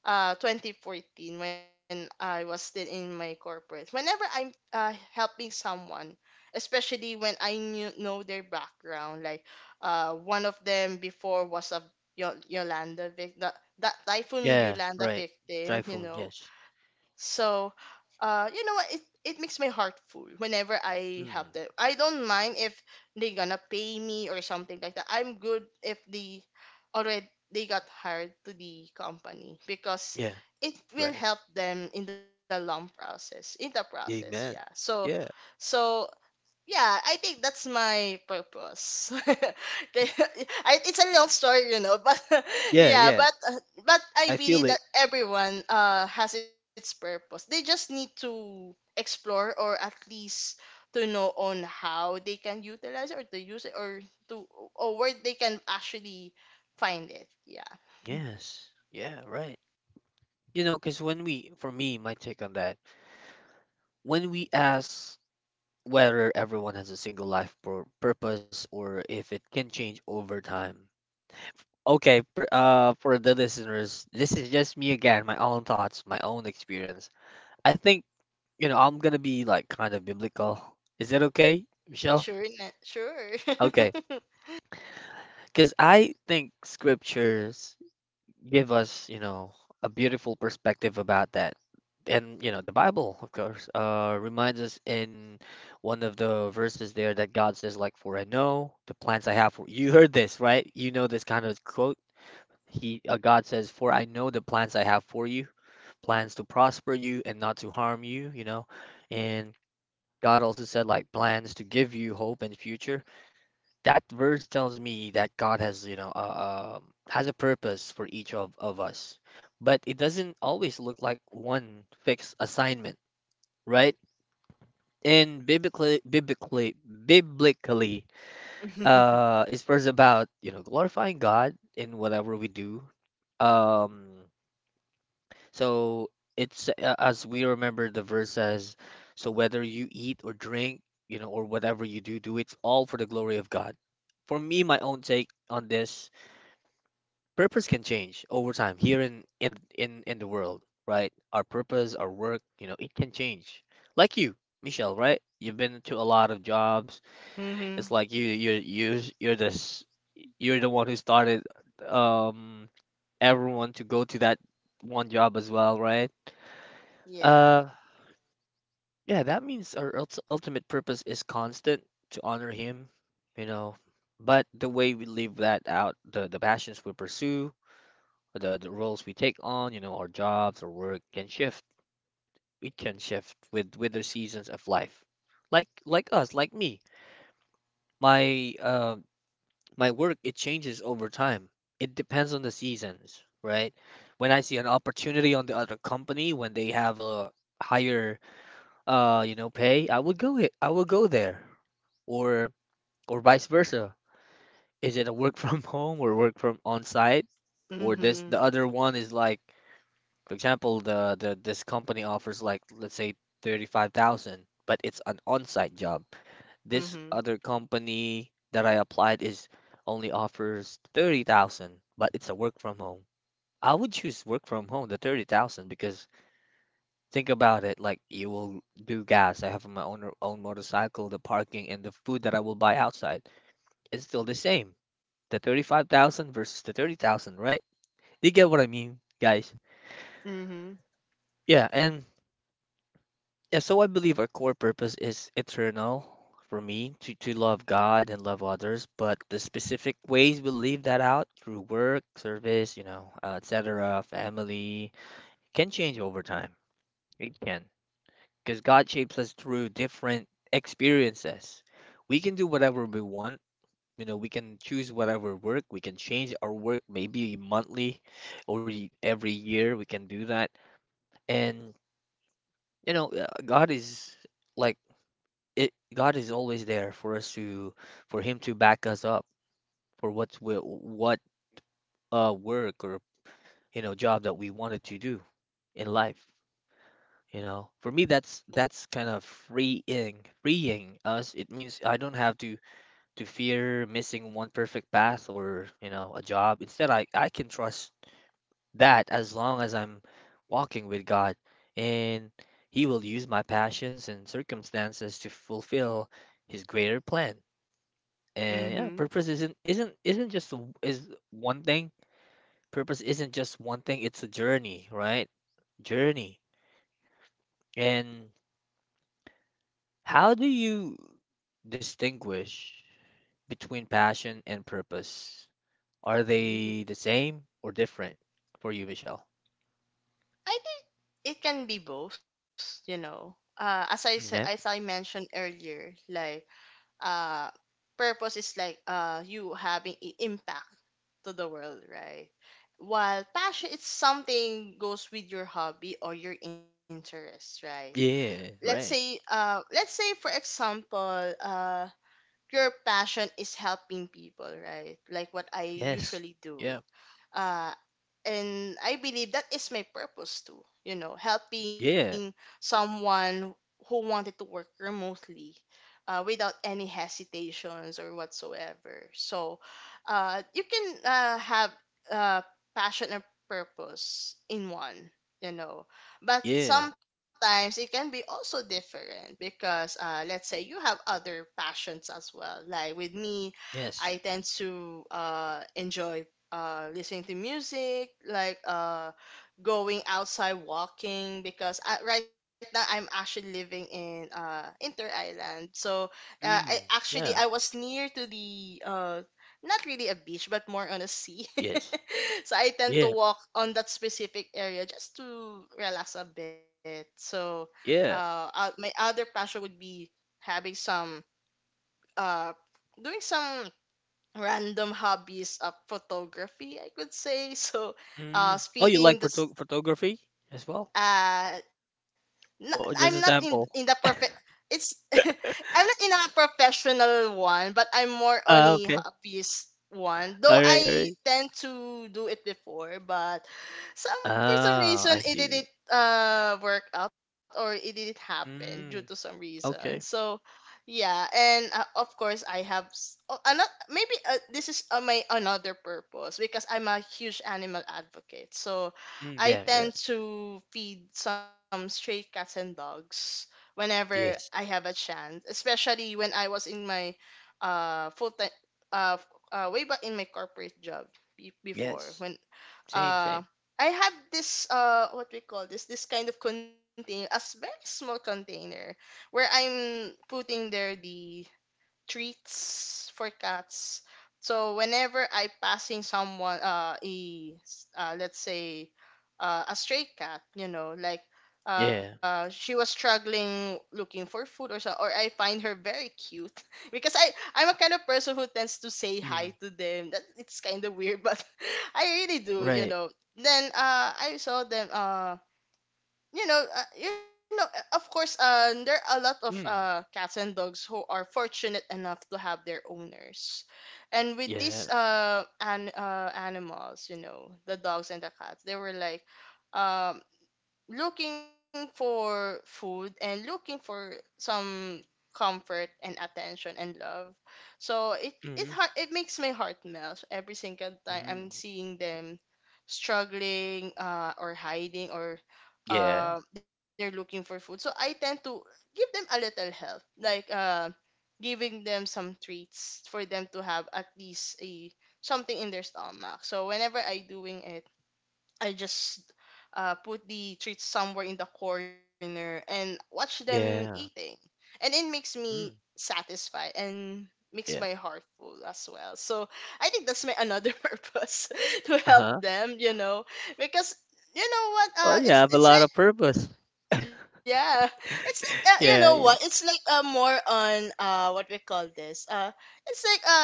Speaker 2: uh 2014, when I was still in my corporate. Whenever I'm helping someone, especially when know their background, like one of them before was a Yolanda victim, that typhoon
Speaker 1: Yeah.
Speaker 2: Yolanda
Speaker 1: Right.
Speaker 2: victim, you
Speaker 1: Typhoon.
Speaker 2: know.
Speaker 1: Yes.
Speaker 2: So, you know what? It makes my heart full whenever I help them.
Speaker 1: Mm.
Speaker 2: I don't mind if they gonna pay me or something like that. I'm good if they already they got hired to the company because
Speaker 1: Yeah.
Speaker 2: it will
Speaker 1: Right.
Speaker 2: help them in the long process in the process, yeah.
Speaker 1: Amen.
Speaker 2: So
Speaker 1: Yeah.
Speaker 2: so yeah, I think that's my purpose. *laughs* Okay, *laughs* it's a long story, you know, but *laughs*
Speaker 1: Yeah.
Speaker 2: yeah,
Speaker 1: Yeah.
Speaker 2: but I
Speaker 1: I
Speaker 2: believe
Speaker 1: feel
Speaker 2: that
Speaker 1: it.
Speaker 2: everyone has its purpose. They just need to explore, or at least to know on how they can utilize it or to use it, or to or where they can actually find it. Yeah.
Speaker 1: Yes. Yeah. Right. You know, because when we, for me, my take on that, when we ask whether everyone has a single life purpose, or if it can change over time. Okay, per, for the listeners, this is just me again, my own thoughts, my own experience. I think, you know, I'm gonna be like kind of biblical. Is that okay, Michelle?
Speaker 2: Sure, sure.
Speaker 1: Okay,
Speaker 2: *laughs*
Speaker 1: because I think scriptures give us, you know, a beautiful perspective about that. And, you know, the Bible, of course, reminds us in one of the verses there that God says, like, for I know the plans I have for you, heard this, right? You know this kind of quote. He, God says, for I know the plans I have for you, plans to prosper you and not to harm you, you know. And God also said like plans to give you hope and future. That verse tells me that God has, you know, has a purpose for each of us. But it doesn't always look like one fixed assignment, right? And biblically,
Speaker 2: *laughs*
Speaker 1: it's first about, you know, glorifying God in whatever we do. Um, So it's, as we remember the verse says, so whether you eat or drink, you know, or whatever you do, do it all for the glory of God. For me, my own take on this, purpose can change over time, here in in the world, right? Our purpose, our work, you know, it can change. Like you, Michelle, right? You've been to a lot of jobs. It's
Speaker 2: mhm.
Speaker 1: like you you're this, you're the one who started um everyone to go to that one job as well, right?
Speaker 2: Yeah.
Speaker 1: Uh. Yeah, that means our ultimate purpose is constant, to honor him, you know. But the way we live that out, the passions we pursue, the roles we take on, you know, our jobs or work can shift. It can shift with the seasons of life. Like us, like me. My my work, it changes over time. It depends on the seasons, right? When I see an opportunity on the other company, when they have a higher, you know, pay, I would go it, I would go there. or or vice versa? Is it a work from *laughs* home or work from on site? Or this the
Speaker 2: Mhm.
Speaker 1: other one is like, for example, the this company offers, like, let's say 35,000, but it's an on site job. This
Speaker 2: Mhm.
Speaker 1: other company that I applied is only offers 30,000, but it's a work from home. I would choose work from home, the 30,000, because, think about it, like you will do gas. I have my own own motorcycle, the parking, and the food that I will buy outside. It's still the same. The 35,000 versus the 30,000, right? You get what I mean, guys?
Speaker 2: Mhm.
Speaker 1: Yeah, and yeah, so I believe our core purpose is eternal, for me to love God and love others, but the specific ways we live that out through work, service, you know, etc., family, can change over time. It can. Because God shapes us through different experiences. We can do whatever we want. You know, we can choose whatever work, we can change our work maybe monthly or every year, we can do that. And you know, God is like it, God is always there for us to, for him to back us up for what work or you know, job that we wanted to do in life. You know, for me, that's kind of freeing, freeing us. It means I don't have to fear missing one perfect path or, you know, a job. Instead, I can trust that as long as I'm walking with God, and he will use my passions and circumstances to fulfill his greater plan. And yeah,
Speaker 2: Mhm.
Speaker 1: purpose isn't is one thing. Purpose isn't just one thing. It's a journey, right? Journey. And how do you distinguish between passion and purpose? Are they the
Speaker 2: Mm.
Speaker 1: same or different for you, Michelle?
Speaker 2: I think it can be both, you know.
Speaker 1: Yeah.
Speaker 2: As I mentioned earlier, like uh, purpose is like you having an impact to the world, right? While passion is something goes with your hobby or your interest, right?
Speaker 1: Yeah, right.
Speaker 2: Let's say for example, your passion is helping people, right? Like what I
Speaker 1: Yes.
Speaker 2: usually do,
Speaker 1: Yeah.
Speaker 2: uh, and I believe that is my purpose too. You know, helping
Speaker 1: Yeah.
Speaker 2: someone who wanted to work remotely without any hesitations or whatsoever. So, you can have uh, passion and purpose in one. You know, but
Speaker 1: Yeah.
Speaker 2: sometimes it can be also different because, let's say, you have other passions as well. Like with me, I
Speaker 1: Yes.
Speaker 2: tend to enjoy listening to music, like going outside walking. Because right now I'm actually living in Inter Island, so
Speaker 1: Mm. Yeah.
Speaker 2: I was near to the not really a beach, but more on a sea.
Speaker 1: Yes.
Speaker 2: *laughs* So I tend
Speaker 1: Yeah.
Speaker 2: to walk on that specific area just to relax a bit. So
Speaker 1: Yeah.
Speaker 2: my other passion would be having some uh, doing some random hobbies of photography, I could say. *laughs* So, uh,
Speaker 1: Mm. Oh, you
Speaker 2: speeding
Speaker 1: like
Speaker 2: the s-
Speaker 1: photography as well?
Speaker 2: uh, not, I'm not
Speaker 1: Or just a
Speaker 2: in the
Speaker 1: sample?
Speaker 2: perfect. It's *laughs* I'm not in a professional one, but I'm more on
Speaker 1: Ah,
Speaker 2: a
Speaker 1: okay.
Speaker 2: hobbyist one. Though
Speaker 1: All right. All
Speaker 2: I
Speaker 1: right.
Speaker 2: tend to do it before, but some for some
Speaker 1: Ah,
Speaker 2: reason
Speaker 1: I
Speaker 2: it
Speaker 1: see.
Speaker 2: didn't work out or it didn't happen due to some
Speaker 1: Mm.
Speaker 2: reason.
Speaker 1: Okay.
Speaker 2: So yeah, and of course I have oh, another maybe this is my another purpose, because I'm a huge animal advocate. So
Speaker 1: Mm,
Speaker 2: I
Speaker 1: yeah. Yeah.
Speaker 2: tend to feed some stray cats and dogs whenever I
Speaker 1: Yes.
Speaker 2: have a chance, especially when I was in my full time uh, way back in my corporate job before
Speaker 1: Yes.
Speaker 2: when
Speaker 1: Same.
Speaker 2: uh
Speaker 1: Same.
Speaker 2: I had this what we call this kind of container very small container where I'm putting there the treats for cats. So whenever I passing someone, let's say, a stray cat,
Speaker 1: Yeah.
Speaker 2: she was struggling looking for food or so, or I find her very cute *laughs* because I'm a kind of person who tends to say hi
Speaker 1: Mm.
Speaker 2: to them. That it's kind of weird, *laughs* but I really do, you
Speaker 1: Right.
Speaker 2: know. Then I saw them. Of course, there are a lot of
Speaker 1: Mm.
Speaker 2: cats and dogs who are fortunate enough to have their owners, and with
Speaker 1: Yeah.
Speaker 2: these an animals, you know, the dogs and the cats, they were like, um, looking for food and looking for some comfort and attention and love. So it it
Speaker 1: Mm.
Speaker 2: heart it makes my heart melt every single time
Speaker 1: Mm.
Speaker 2: I'm seeing them struggling or hiding or
Speaker 1: Yeah.
Speaker 2: they're looking for food. So I tend to give them a little help, like giving them some treats for them to have at least a something in their stomach. So whenever I doing it I just put the treats somewhere in the corner and watch them eating.
Speaker 1: Yeah.
Speaker 2: And it makes me
Speaker 1: Mm.
Speaker 2: satisfied and makes my
Speaker 1: Yeah.
Speaker 2: heart full as well. So I think that's my another *laughs* purpose to
Speaker 1: Uh
Speaker 2: help
Speaker 1: huh.
Speaker 2: them, because you know what
Speaker 1: Oh, you have a
Speaker 2: it's
Speaker 1: lot
Speaker 2: like
Speaker 1: of purpose. *laughs*
Speaker 2: yeah it's like you know what
Speaker 1: Yeah.
Speaker 2: it's
Speaker 1: Yeah.
Speaker 2: like more on what we call this it's like uh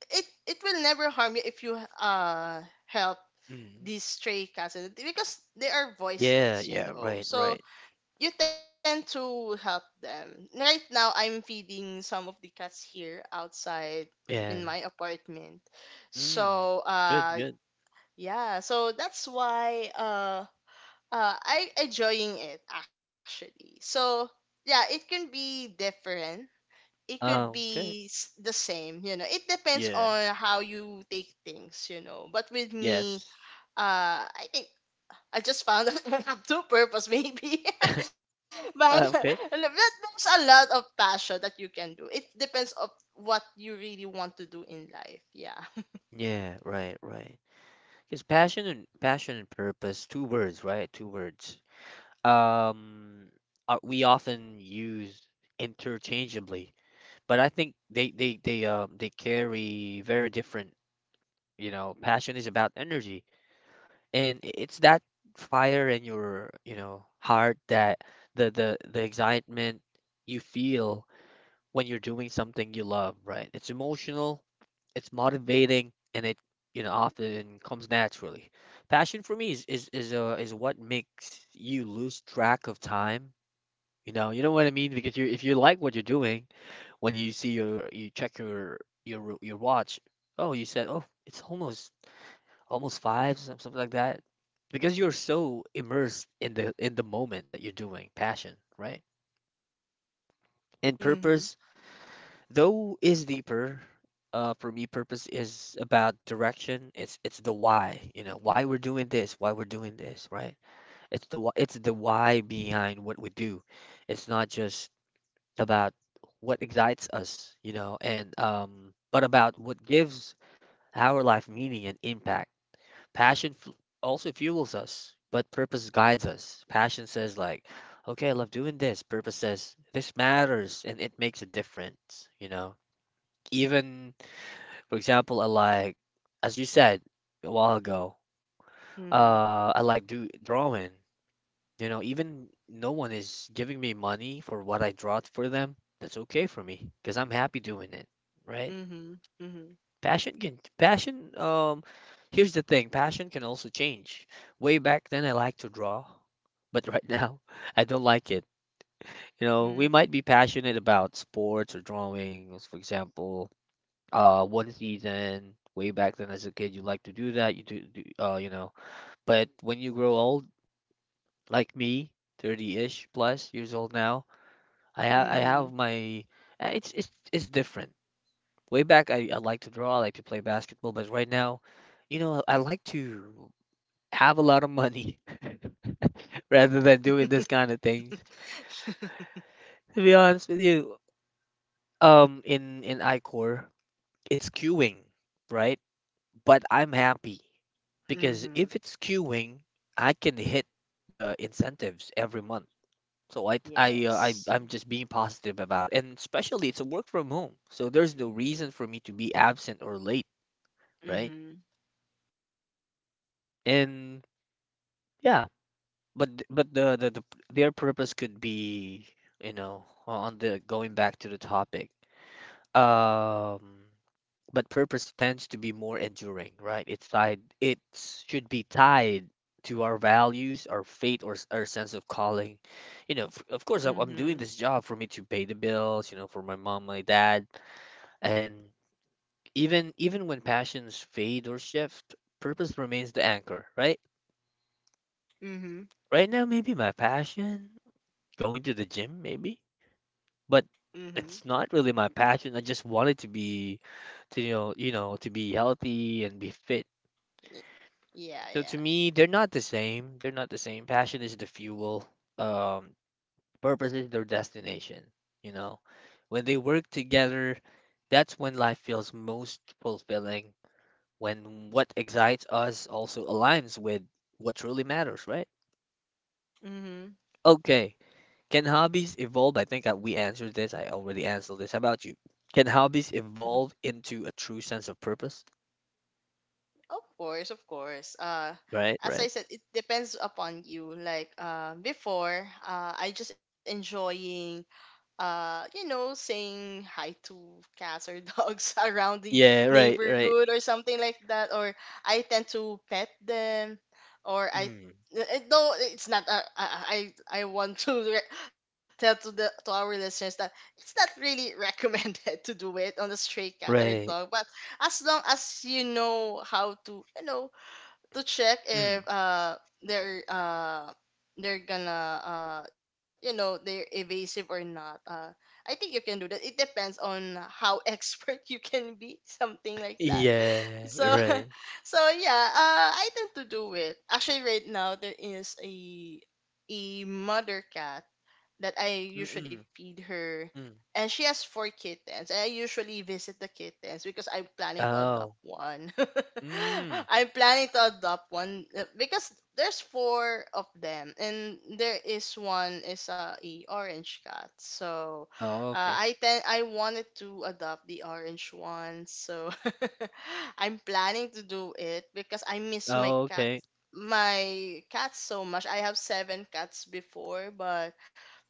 Speaker 2: it will never harm you if you help
Speaker 1: Mm.
Speaker 2: these stray cats because they are
Speaker 1: Yeah.
Speaker 2: voiceless, you
Speaker 1: Yeah.
Speaker 2: know.
Speaker 1: Right.
Speaker 2: So
Speaker 1: Right.
Speaker 2: you tend to help them. Right now, I'm feeding some of the cats here outside in
Speaker 1: Yeah.
Speaker 2: my apartment.
Speaker 1: Mm.
Speaker 2: So
Speaker 1: Good, good.
Speaker 2: yeah. So that's why I enjoying it actually. So yeah, it can be different. It could be
Speaker 1: Okay.
Speaker 2: the same, you know. It depends
Speaker 1: Yeah.
Speaker 2: on how you take things, you know. But with me,
Speaker 1: Yes.
Speaker 2: I think I just found a *laughs* two purpose maybe,
Speaker 1: *laughs*
Speaker 2: *laughs* but *laughs*
Speaker 1: Okay.
Speaker 2: there's a lot of passion that you can do. It depends of what you really want to do in life. Yeah.
Speaker 1: Yeah, right, right. Because passion and passion and purpose, two words, right? Two words. Um, we often use interchangeably, but I think they carry very different. You know, passion is about energy, and it's that fire in your heart that the excitement you feel when you're doing something you love, right? It's emotional, it's motivating, and it often comes naturally. Passion for me is what makes you lose track of time. You know what I mean? Because you if you like what you're doing, when you see your you check your your watch, oh, you said, oh, it's almost five, something like that. Because you're so immersed in the moment that you're doing passion, right? And
Speaker 2: Mm-hmm.
Speaker 1: purpose though is deeper. Uh, for me, purpose is about direction. It's the why, you know, why we're doing this, why we're doing this, right? It's the it's the why behind what we do. It's not just about what excites us, you know, and but about what gives our life meaning and impact. Passion f also fuels us, but purpose guides us. Passion says like, okay, I love doing this. Purpose says this matters and it makes a difference, you know, even for example, I like, as you said a while ago,
Speaker 2: Mm-hmm.
Speaker 1: I like do drawing. You know, even no one is giving me money for what I draw for them. That's okay for me because I'm happy doing it, right?
Speaker 2: Mm-hmm. Mm-hmm.
Speaker 1: Passion can passion. Here's the thing, passion can also change. Way back then, I liked to draw, but right now, *laughs* I don't like it. You know, we might be passionate about sports or drawings, for example, one season way back then as a kid you like to do that you do. But when you grow old like me 30-ish plus years old now,
Speaker 2: Mm-hmm.
Speaker 1: I have
Speaker 2: Mm-hmm.
Speaker 1: my it's it's different. Way back I like to draw, I like to play basketball, but right now, you know, I like to have a lot of money *laughs* rather than doing this kind of things, to be honest with you. In iCore, it's queuing, right? But I'm happy because
Speaker 2: Mm-hmm.
Speaker 1: if it's queuing, I can hit the incentives every month. So
Speaker 2: Yes.
Speaker 1: I I'm just being positive about it. And especially it's a work from home. So there's no reason for me to be absent or late, right?
Speaker 2: Mm-hmm.
Speaker 1: And yeah, but th- but the their purpose could be, you know, on the going back to the topic. Um but purpose tends to be more enduring, right? It should be tied to our values, our faith, or our sense of calling. You know, of course, I'm
Speaker 2: Mm-hmm.
Speaker 1: doing this job for me to pay the bills, you know, for my mom, my dad, and even, even when passions fade or shift, purpose remains the anchor, right?
Speaker 2: Mm-hmm.
Speaker 1: Right now, maybe my passion, going to the gym, maybe, but
Speaker 2: Mm-hmm.
Speaker 1: it's not really my passion. I just want it to be to, you know, to be healthy and be fit.
Speaker 2: Yeah.
Speaker 1: So to
Speaker 2: Yeah.
Speaker 1: me, they're not the same. They're not the same. Passion is the fuel. Um, Purpose is their destination. You know, when they work together, that's when life feels most fulfilling. When what excites us also aligns with what truly matters, right?
Speaker 2: Mm-hmm.
Speaker 1: Okay. Can hobbies evolve? I think we answered this. I already answered this. How about you? Can hobbies evolve into a true sense of purpose?
Speaker 2: Of course, of course.
Speaker 1: Right, right.
Speaker 2: As I said, it depends upon you. Like before, I just enjoying you know, saying hi to cats or dogs *laughs* around the
Speaker 1: Yeah, right, right.
Speaker 2: neighborhood or something like that. Or I tend to pet them, or
Speaker 1: Mm,
Speaker 2: no, it's not. I want *laughs* to tell to the to our listeners that it's not really recommended *laughs* to do it on a stray cat or dog.
Speaker 1: right.
Speaker 2: But as long as you know how to, you know, to check
Speaker 1: Mm.
Speaker 2: if they're uh they're gonna you know they're evasive or not. I think you can do that. It depends on how *laughs* expert you can be, something like that.
Speaker 1: Yeah,
Speaker 2: So,
Speaker 1: right.
Speaker 2: *laughs* so yeah, I tend to do it. Actually, right now there is a mother cat that I usually
Speaker 1: Mm-mm.
Speaker 2: feed her.
Speaker 1: Mm.
Speaker 2: And she has four kittens. I usually visit the kittens because I'm planning to adopt
Speaker 1: Oh.
Speaker 2: one. *laughs*
Speaker 1: Mm.
Speaker 2: I'm planning to adopt one because there's four of them, and there is one is a orange cat. So,
Speaker 1: Oh, okay.
Speaker 2: I wanted to adopt the orange one. So, *laughs* I'm planning to do it because I miss my
Speaker 1: Oh,
Speaker 2: cat,
Speaker 1: okay.
Speaker 2: my cats so much. I have seven cats before, but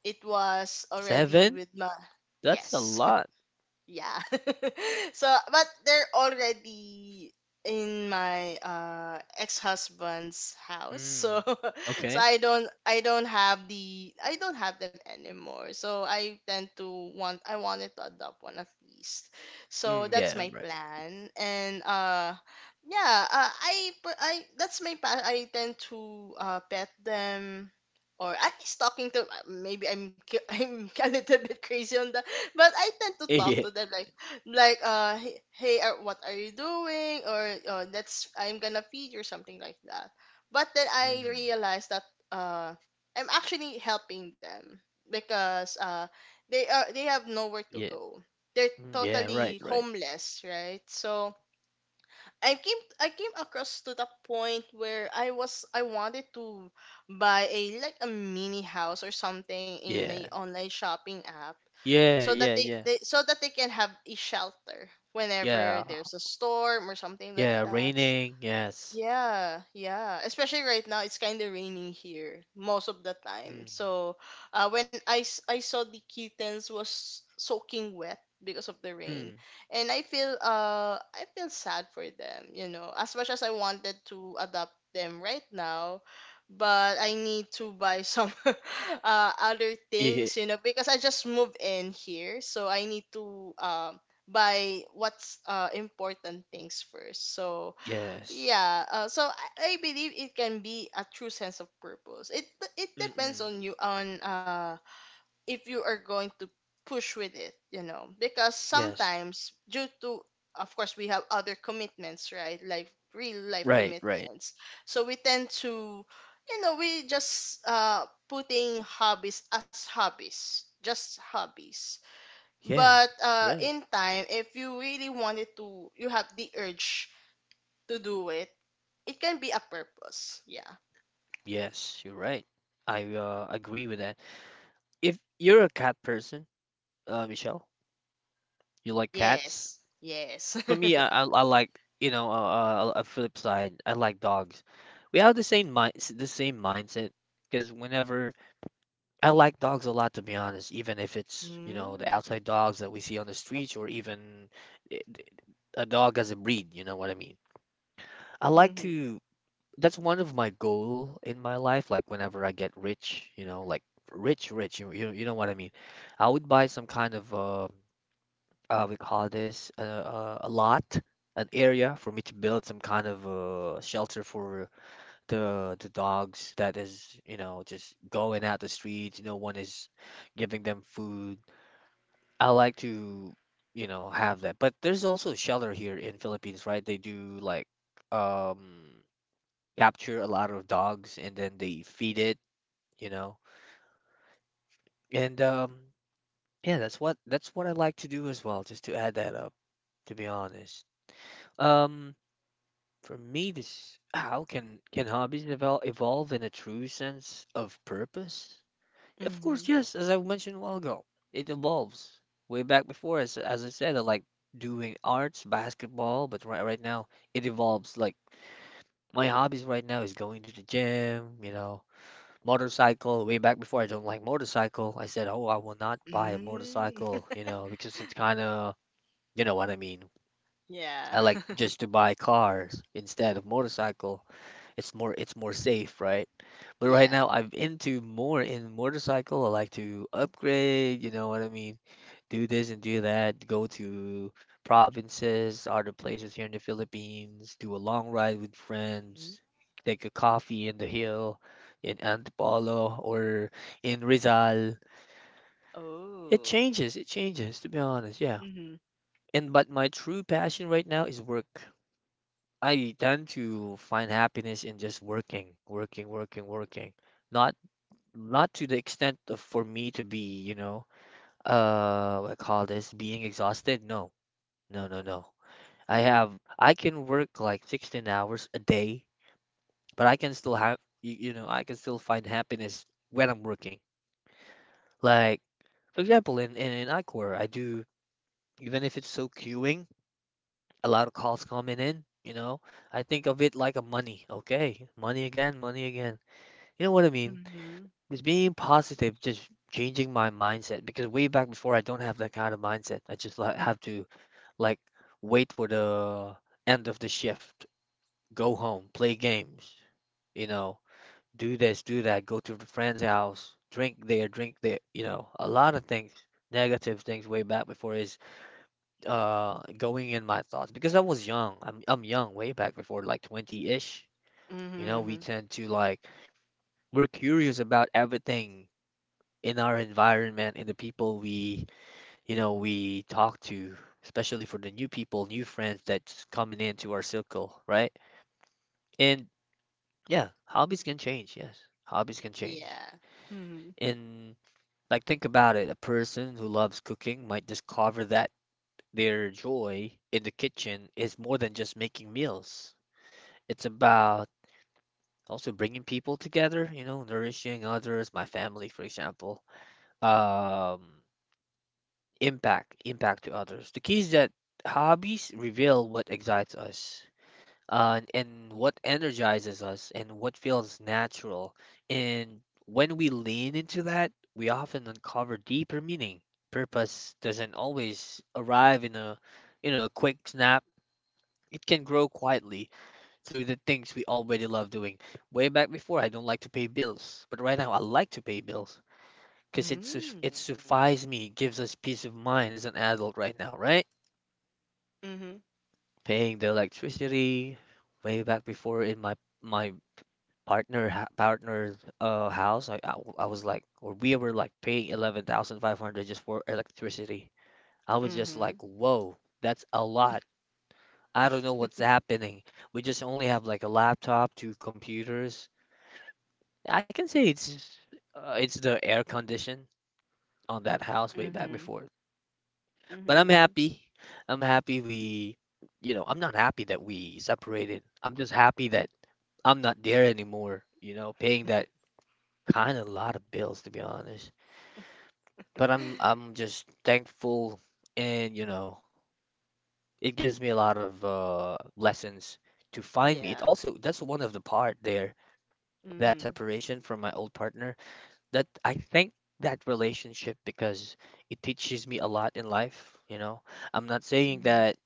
Speaker 2: it was already
Speaker 1: Seven?
Speaker 2: with my
Speaker 1: That's a
Speaker 2: yes
Speaker 1: lot.
Speaker 2: *laughs* yeah *laughs* so but they're already in my ex-husband's house
Speaker 1: Mm.
Speaker 2: so *laughs* so
Speaker 1: Okay.
Speaker 2: I don't have them anymore so I wanted to adopt one at least so
Speaker 1: Mm,
Speaker 2: that's
Speaker 1: yeah,
Speaker 2: my
Speaker 1: right.
Speaker 2: plan and yeah I per- I that's my plan I tend to pet them or at least talking to maybe *laughs* I'm a little bit crazy on that, but I tend to
Speaker 1: *laughs*
Speaker 2: talk
Speaker 1: Yeah.
Speaker 2: to them like hey, what are you doing or let's I'm gonna feed you or something like that. But then I
Speaker 1: Mm.
Speaker 2: realized that uh I'm actually helping them because they have nowhere to
Speaker 1: Yeah.
Speaker 2: go. They're
Speaker 1: Mm, yeah, right,
Speaker 2: totally
Speaker 1: right.
Speaker 2: homeless, right? So I came across to the point where I wanted to buy a like a mini house or something in a
Speaker 1: Yeah.
Speaker 2: online shopping app
Speaker 1: Yeah,
Speaker 2: so that
Speaker 1: yeah, yeah.
Speaker 2: they so that they can have a shelter
Speaker 1: Yeah.
Speaker 2: whenever there's a storm or something like
Speaker 1: Yeah,
Speaker 2: that.
Speaker 1: raining. Yes.
Speaker 2: Yeah, yeah. Especially right now, it's kind of raining here most of the
Speaker 1: Mm.
Speaker 2: time. So, I saw the kittens was soaking wet because of the rain,
Speaker 1: Mm.
Speaker 2: and I feel sad for them. You know, as much as I wanted to adopt them right now, but I need to buy some *laughs* other
Speaker 1: Yeah.
Speaker 2: things. You know, because I just moved in here, so I need to buy what's important things first. So
Speaker 1: Yes.
Speaker 2: yeah, I believe it can be a true sense of purpose. It
Speaker 1: Mm-mm.
Speaker 2: depends on you on if you are going to push with it, you know, because
Speaker 1: Yes.
Speaker 2: sometimes due to of course we have other commitments, right? Like real life
Speaker 1: Right, right.
Speaker 2: commitments. So we tend to you know, we just putting hobbies as hobbies, just hobbies.
Speaker 1: Yeah.
Speaker 2: But
Speaker 1: Right.
Speaker 2: in time if you really wanted to you have the urge to do it it can be a purpose. Yeah.
Speaker 1: Yes, you're right. I agree with that. If you're a cat person, Michelle, you like cats.
Speaker 2: Yes. Yes.
Speaker 1: For me,
Speaker 2: *laughs*
Speaker 1: I like, you know, a flip side, I like dogs. We have the same mind, the same mindset. Because whenever, I like dogs a lot, to be honest, even if it's, you know, the
Speaker 2: Mm.
Speaker 1: outside dogs that we see on the streets or even i- d- a dog as a breed, you know what I mean. I like
Speaker 2: Mhm.
Speaker 1: to. That's one of my goal in my life. Like whenever I get rich, you know, like rich, rich, you know what I mean. I would buy some kind of. We call this a lot, an area for me to build some kind of shelter for the dogs that is, you know, just going out the streets. No one is giving them food. I like to, you know, have that. But there's also shelter here in Philippines, right? They do like um capture a lot of dogs and then they feed it, you know. And Yeah, that's what I like to do as well, just to add that up, to be honest. Um, For me, this how can hobbies develop evolve in a true sense of purpose? Of
Speaker 2: Mhm.
Speaker 1: course, yes, as I mentioned a while ago, it evolves. Way back before, as I said, I like doing arts, basketball, but right now it evolves. Like my hobbies right now is going to the gym, you know, motorcycle. Way back before, I don't like motorcycle. I said, oh, I will not buy a
Speaker 2: Mm. *laughs*
Speaker 1: motorcycle, you know, because it's kind of, you know what I mean.
Speaker 2: Yeah.
Speaker 1: I like
Speaker 2: *laughs*
Speaker 1: just to buy cars instead of motorcycle. It's more safe, right? But right
Speaker 2: Yeah.
Speaker 1: now I'm into more in motorcycle. I like to upgrade, you know what I mean? Do this and do that, go to provinces, other places here in the Philippines, do a long ride with
Speaker 2: Mm.
Speaker 1: friends, take a coffee in the hill in Antipolo or in Rizal.
Speaker 2: Oh.
Speaker 1: It changes, to be honest, yeah.
Speaker 2: Mhm.
Speaker 1: And but my true passion right now is work. I tend to find happiness in just working, working, working, working. Not not to the extent of for me to be, you know, what I call this, being exhausted. No, no, no, no. I can work like 16 hours a day, but I can still have you, you know, I can still find happiness when I'm working. Like for example, in Ichor, I do even if it's so queuing, a lot of calls coming in, you know, I think of it like a money. Okay, money again, money again. You know what I mean?
Speaker 2: Mhm.
Speaker 1: It's being positive, just changing my mindset because way back before, I don't have that kind of mindset. I just like have to like wait for the end of the shift, go home, play games, you know, do this, do that, go to the friend's house, drink there, you know, a lot of things, negative things way back before is going in my thoughts because I was young. I'm young way back before like 20-ish. You know, we
Speaker 2: Mhm.
Speaker 1: tend to like we're curious about everything in our environment, in the people we, you know, we talk to, especially for the new people, new friends that's coming into our circle, right? And yeah, hobbies can change. Yes, hobbies can change.
Speaker 2: Yeah. Mhm.
Speaker 1: And like think about it, a person who loves cooking might discover that their joy in the kitchen is more than just making meals. It's about also bringing people together, you know, nourishing others, my family, for example. Um, Impact, impact to others. The key is that hobbies reveal what excites us, and what energizes us, and what feels natural. And when we lean into that, we often uncover deeper meaning. Purpose doesn't always arrive in a, you know, quick snap. It can grow quietly through the things we already love doing. Way back before, I don't like to pay bills, but right now I like to pay bills because it
Speaker 2: Mhm.
Speaker 1: it suffices me, it gives us peace of mind as an adult right now, right?
Speaker 2: Mhm.
Speaker 1: Paying the electricity way back before in my partner house, I was like, or we were like paying 11,500 just for electricity. I was just
Speaker 2: Mhm.
Speaker 1: like, whoa, that's a lot. I don't know what's happening. We just only have like a laptop, two computers. I can say it's the air condition on that house
Speaker 2: Mhm.
Speaker 1: way back before. But
Speaker 2: Mhm.
Speaker 1: I'm happy. I'm happy you know, I'm not happy that we separated. I'm just happy that I'm not there anymore, you know, paying that kind of lot of bills to be honest. But I'm just thankful and, you know, it gives me a lot of lessons to find me.
Speaker 2: Yeah.
Speaker 1: It also that's one of the part there, that
Speaker 2: Mhm.
Speaker 1: separation from my old partner that I thank that relationship because it teaches me a lot in life, you know. I'm not saying
Speaker 2: Mhm.
Speaker 1: that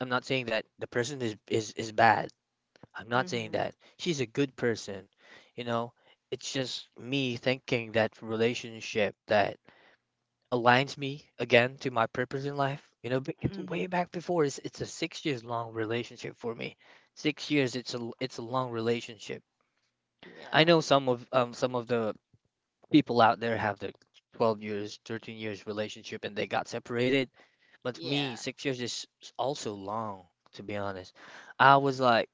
Speaker 1: I'm not saying that the person is bad. I'm not saying
Speaker 2: Mhm.
Speaker 1: that. She's a good person. You know, it's just me thinking that relationship that aligns me again to my purpose in life. You know, but it's
Speaker 2: Mhm.
Speaker 1: way back before. It's a 6 years long relationship for me. 6 years. It's a long relationship. I
Speaker 2: Yeah.
Speaker 1: know some of some of the people out there have the 12 years, 13 years relationship and they got separated. But for
Speaker 2: Yeah.
Speaker 1: me, 6 years is also long, to be honest. I was like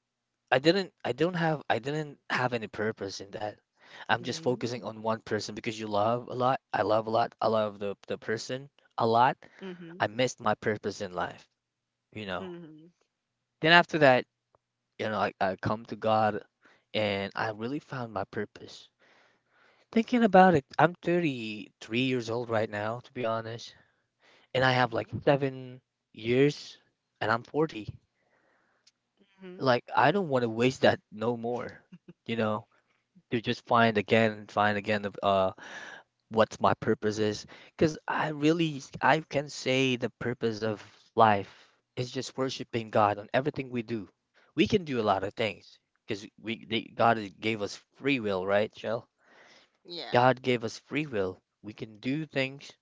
Speaker 1: I didn't have any purpose in that. I'm just focusing
Speaker 2: Mm.
Speaker 1: on one person because you love a lot. I love a lot. I love the person a lot.
Speaker 2: Mhm.
Speaker 1: I missed my purpose in life, you know.
Speaker 2: Mhm.
Speaker 1: Then after that, you know, I come to God and I really found my purpose. Thinking about it, I'm 33 years old right now, to be honest, and I
Speaker 2: Mhm.
Speaker 1: have like 7 years and I'm 40.
Speaker 2: Mhm.
Speaker 1: Like I don't want to waste that no more, you know, to just find again and find again of what my purpose is because I can say the purpose of life is just worshiping God on everything we do. We can do a lot of things because God gave us free will, right, Shell?
Speaker 2: Yeah.
Speaker 1: God gave us free will. We can do things.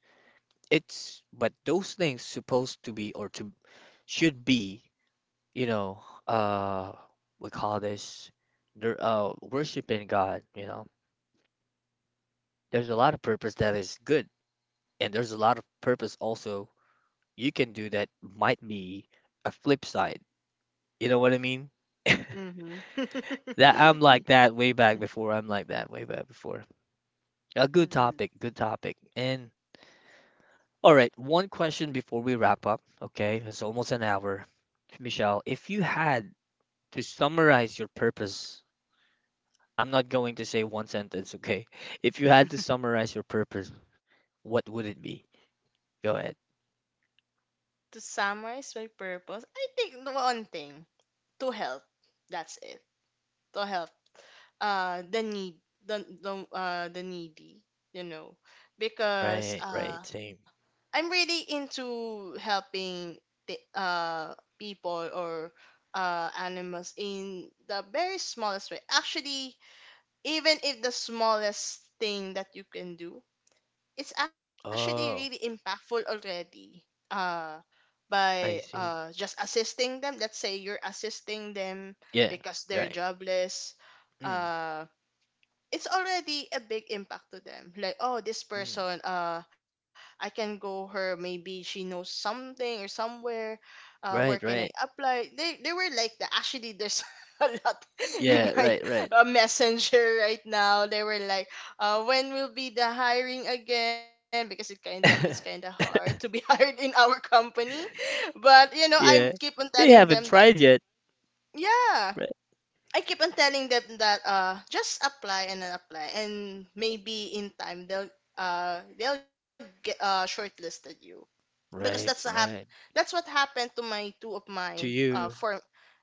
Speaker 1: It's but those things supposed to be or to should be, you know, uh we call this, they're worshiping God, you know. There's a lot of purpose that is good, and there's a lot of purpose also you can do that might be a flip side. You know what I mean? *laughs*
Speaker 2: Mm-hmm. *laughs*
Speaker 1: That I'm like that way back before. I'm like that way back before. A good
Speaker 2: Mm-hmm.
Speaker 1: topic, good topic. And all right, one question before we wrap up. Okay, it's almost an hour. Michelle, if you had to summarize your purpose, I'm not going to say one sentence, okay? If you had to summarize your purpose, what would it be? Go ahead.
Speaker 2: To summarize my purpose, I think the one thing to help. That's it. To help. The need, the needy. You know, because
Speaker 1: Right, right, same.
Speaker 2: I'm really into helping the people or animals in the very smallest way. Actually, even if the smallest thing that you can do it's actually really
Speaker 1: Oh,
Speaker 2: impactful already uh by
Speaker 1: I see.
Speaker 2: just assisting them, let's say you're assisting them
Speaker 1: Yeah,
Speaker 2: because they're
Speaker 1: right.
Speaker 2: jobless
Speaker 1: Mm,
Speaker 2: uh it's already a big impact to them like oh this
Speaker 1: mm.
Speaker 2: person I can go her maybe she knows something or somewhere where
Speaker 1: Right,
Speaker 2: can I
Speaker 1: right.
Speaker 2: apply they were like that actually there's *laughs* a lot in
Speaker 1: Yeah,
Speaker 2: my
Speaker 1: right, right.
Speaker 2: messenger right now they were like when will be the hiring again because it's kind of
Speaker 1: *laughs*
Speaker 2: hard to be *laughs* hired in our company but you know I
Speaker 1: Yeah.
Speaker 2: keep on
Speaker 1: They
Speaker 2: telling them
Speaker 1: haven't
Speaker 2: that
Speaker 1: tried yet,
Speaker 2: yeah
Speaker 1: right?
Speaker 2: I keep on telling them that just apply and then apply and maybe in time they'll get shortlisted you because that's a
Speaker 1: Right, right.
Speaker 2: that's what happened to my two of my
Speaker 1: To you.
Speaker 2: form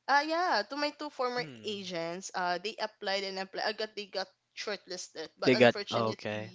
Speaker 2: yeah to my two former
Speaker 1: Mm.
Speaker 2: agents they applied and applied I got they got shortlisted but
Speaker 1: They got, oh,
Speaker 2: unfortunately,
Speaker 1: okay.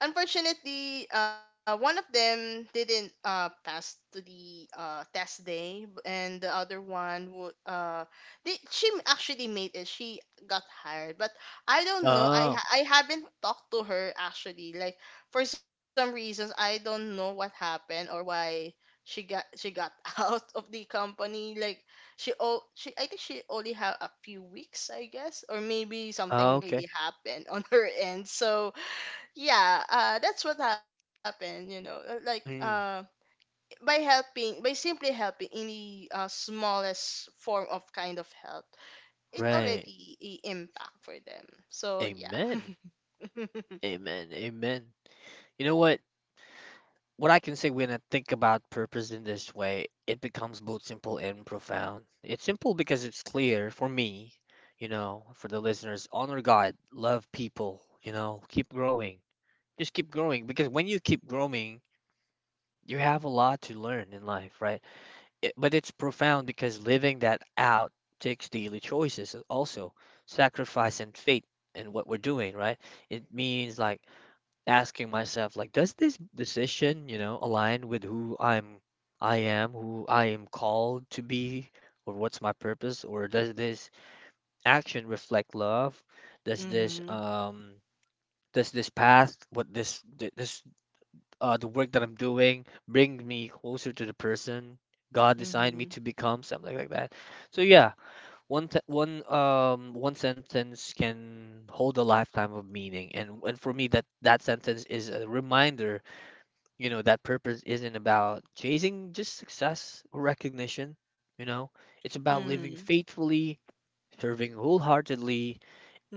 Speaker 2: unfortunately, one of them didn't pass to the test day, and the other one would she actually made it. She got hired, but I don't know.
Speaker 1: Oh,
Speaker 2: I haven't talked to her actually. Like for some reasons, I don't know what happened or why she got *laughs* out of the company. Like she oh she I think she only had a few weeks, I guess, or maybe
Speaker 1: oh,
Speaker 2: something
Speaker 1: okay.
Speaker 2: really happened *laughs* on her end. So yeah that's what happened you know,
Speaker 1: Mm.
Speaker 2: by helping by simply helping in the smallest form of kind of help it
Speaker 1: Right.
Speaker 2: already impact for them so yeah.
Speaker 1: Amen.
Speaker 2: *laughs*
Speaker 1: Amen. Amen. You know what? What I can say when I think about purpose in this way, it becomes both simple and profound. It's simple because it's clear for me, you know, for the listeners, honor God, love people, you know, keep growing. Just keep growing because when you keep growing, you have a lot to learn in life, right? It, but it's profound because living that out takes daily choices, also sacrifice and faith in what we're doing, right? It means like asking myself, like, does this decision, you know, align with who I'm I am, who I am called to be, or what's my purpose? Or does this action reflect love? Does this
Speaker 2: Mm-hmm.
Speaker 1: does this path, what this th- this the work that I'm doing, bring me closer to the person God designed me
Speaker 2: Mm-hmm.
Speaker 1: to become? Something like that. So yeah, one th- one one sentence can hold a lifetime of meaning, and for me, that sentence is a reminder, you know, that purpose isn't about chasing just success or recognition, you know, it's about living
Speaker 2: Mm-hmm.
Speaker 1: faithfully, serving wholeheartedly,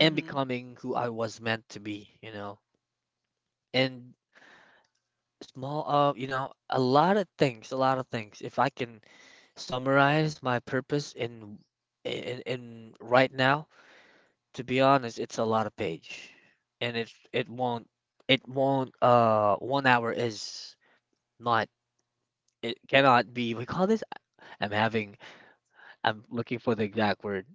Speaker 1: and becoming who I was meant to be, you know. And small, you know, a lot of things, a lot of things. If I can summarize my purpose in right now, to be honest, it's a lot of page, and it won't, it won't one hour is not, it cannot be, we call this, I'm having, I'm looking for the exact word.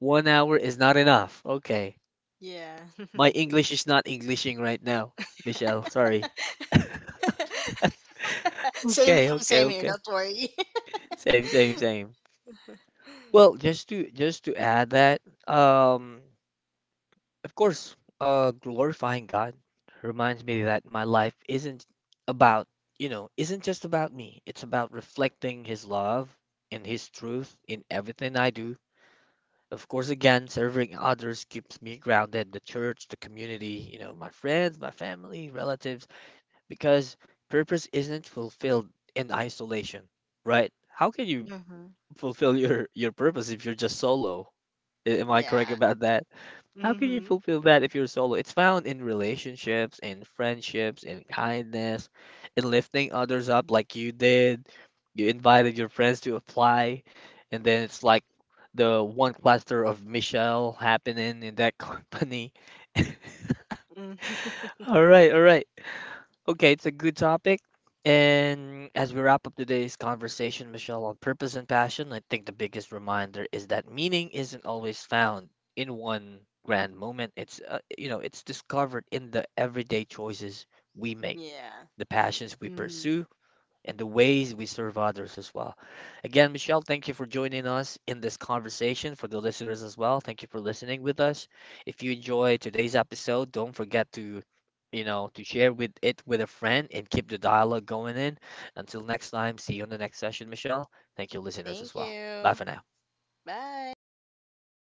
Speaker 1: One hour is not enough. Okay.
Speaker 2: Yeah.
Speaker 1: My English is not Englishing right now, Michelle. Sorry.
Speaker 2: *laughs* Same here, same
Speaker 1: Okay,
Speaker 2: here,
Speaker 1: okay,
Speaker 2: don't
Speaker 1: okay.
Speaker 2: worry.
Speaker 1: Same, same, same. Well, just to add that, um, of course, glorifying God reminds me that my life isn't about, you know, isn't just about me. It's about reflecting His love and His truth in everything I do. Of course, again, serving others keeps me grounded, the church, the community, you know, my friends, my family, relatives, because purpose isn't fulfilled in isolation, right? How can
Speaker 2: *laughs*
Speaker 1: you
Speaker 2: Mm-hmm.
Speaker 1: fulfill your purpose if you're just solo? A- am I correct
Speaker 2: Yeah.
Speaker 1: about that? How can you
Speaker 2: Mm-hmm,
Speaker 1: fulfill that if you're solo? It's found in relationships, in friendships, in kindness, in lifting others up like you did. You invited your friends to apply, and then it's like the one cluster of Michelle happening in that *laughs* company.
Speaker 2: mm-hmm.
Speaker 1: All right, all right. Okay, it's a good topic. And as we wrap up today's conversation, Michelle, on purpose and passion, I think the biggest reminder is that meaning isn't always found in one grand moment. It's you know, it's discovered in the everyday choices we make,
Speaker 2: Yeah.
Speaker 1: the passions
Speaker 2: Mm-hmm.
Speaker 1: we pursue, and the ways we serve others as well. Again, Michelle, thank you for joining us in this conversation. For the listeners as well, thank you for listening with us. If you enjoy today's episode, don't forget to, you know, to share with it with a friend and keep the dialogue going in. Until next time, see you on the next session, Michelle. Thank you, listeners
Speaker 2: Thank
Speaker 1: as well. Bye
Speaker 2: you.
Speaker 1: for now.
Speaker 2: Bye.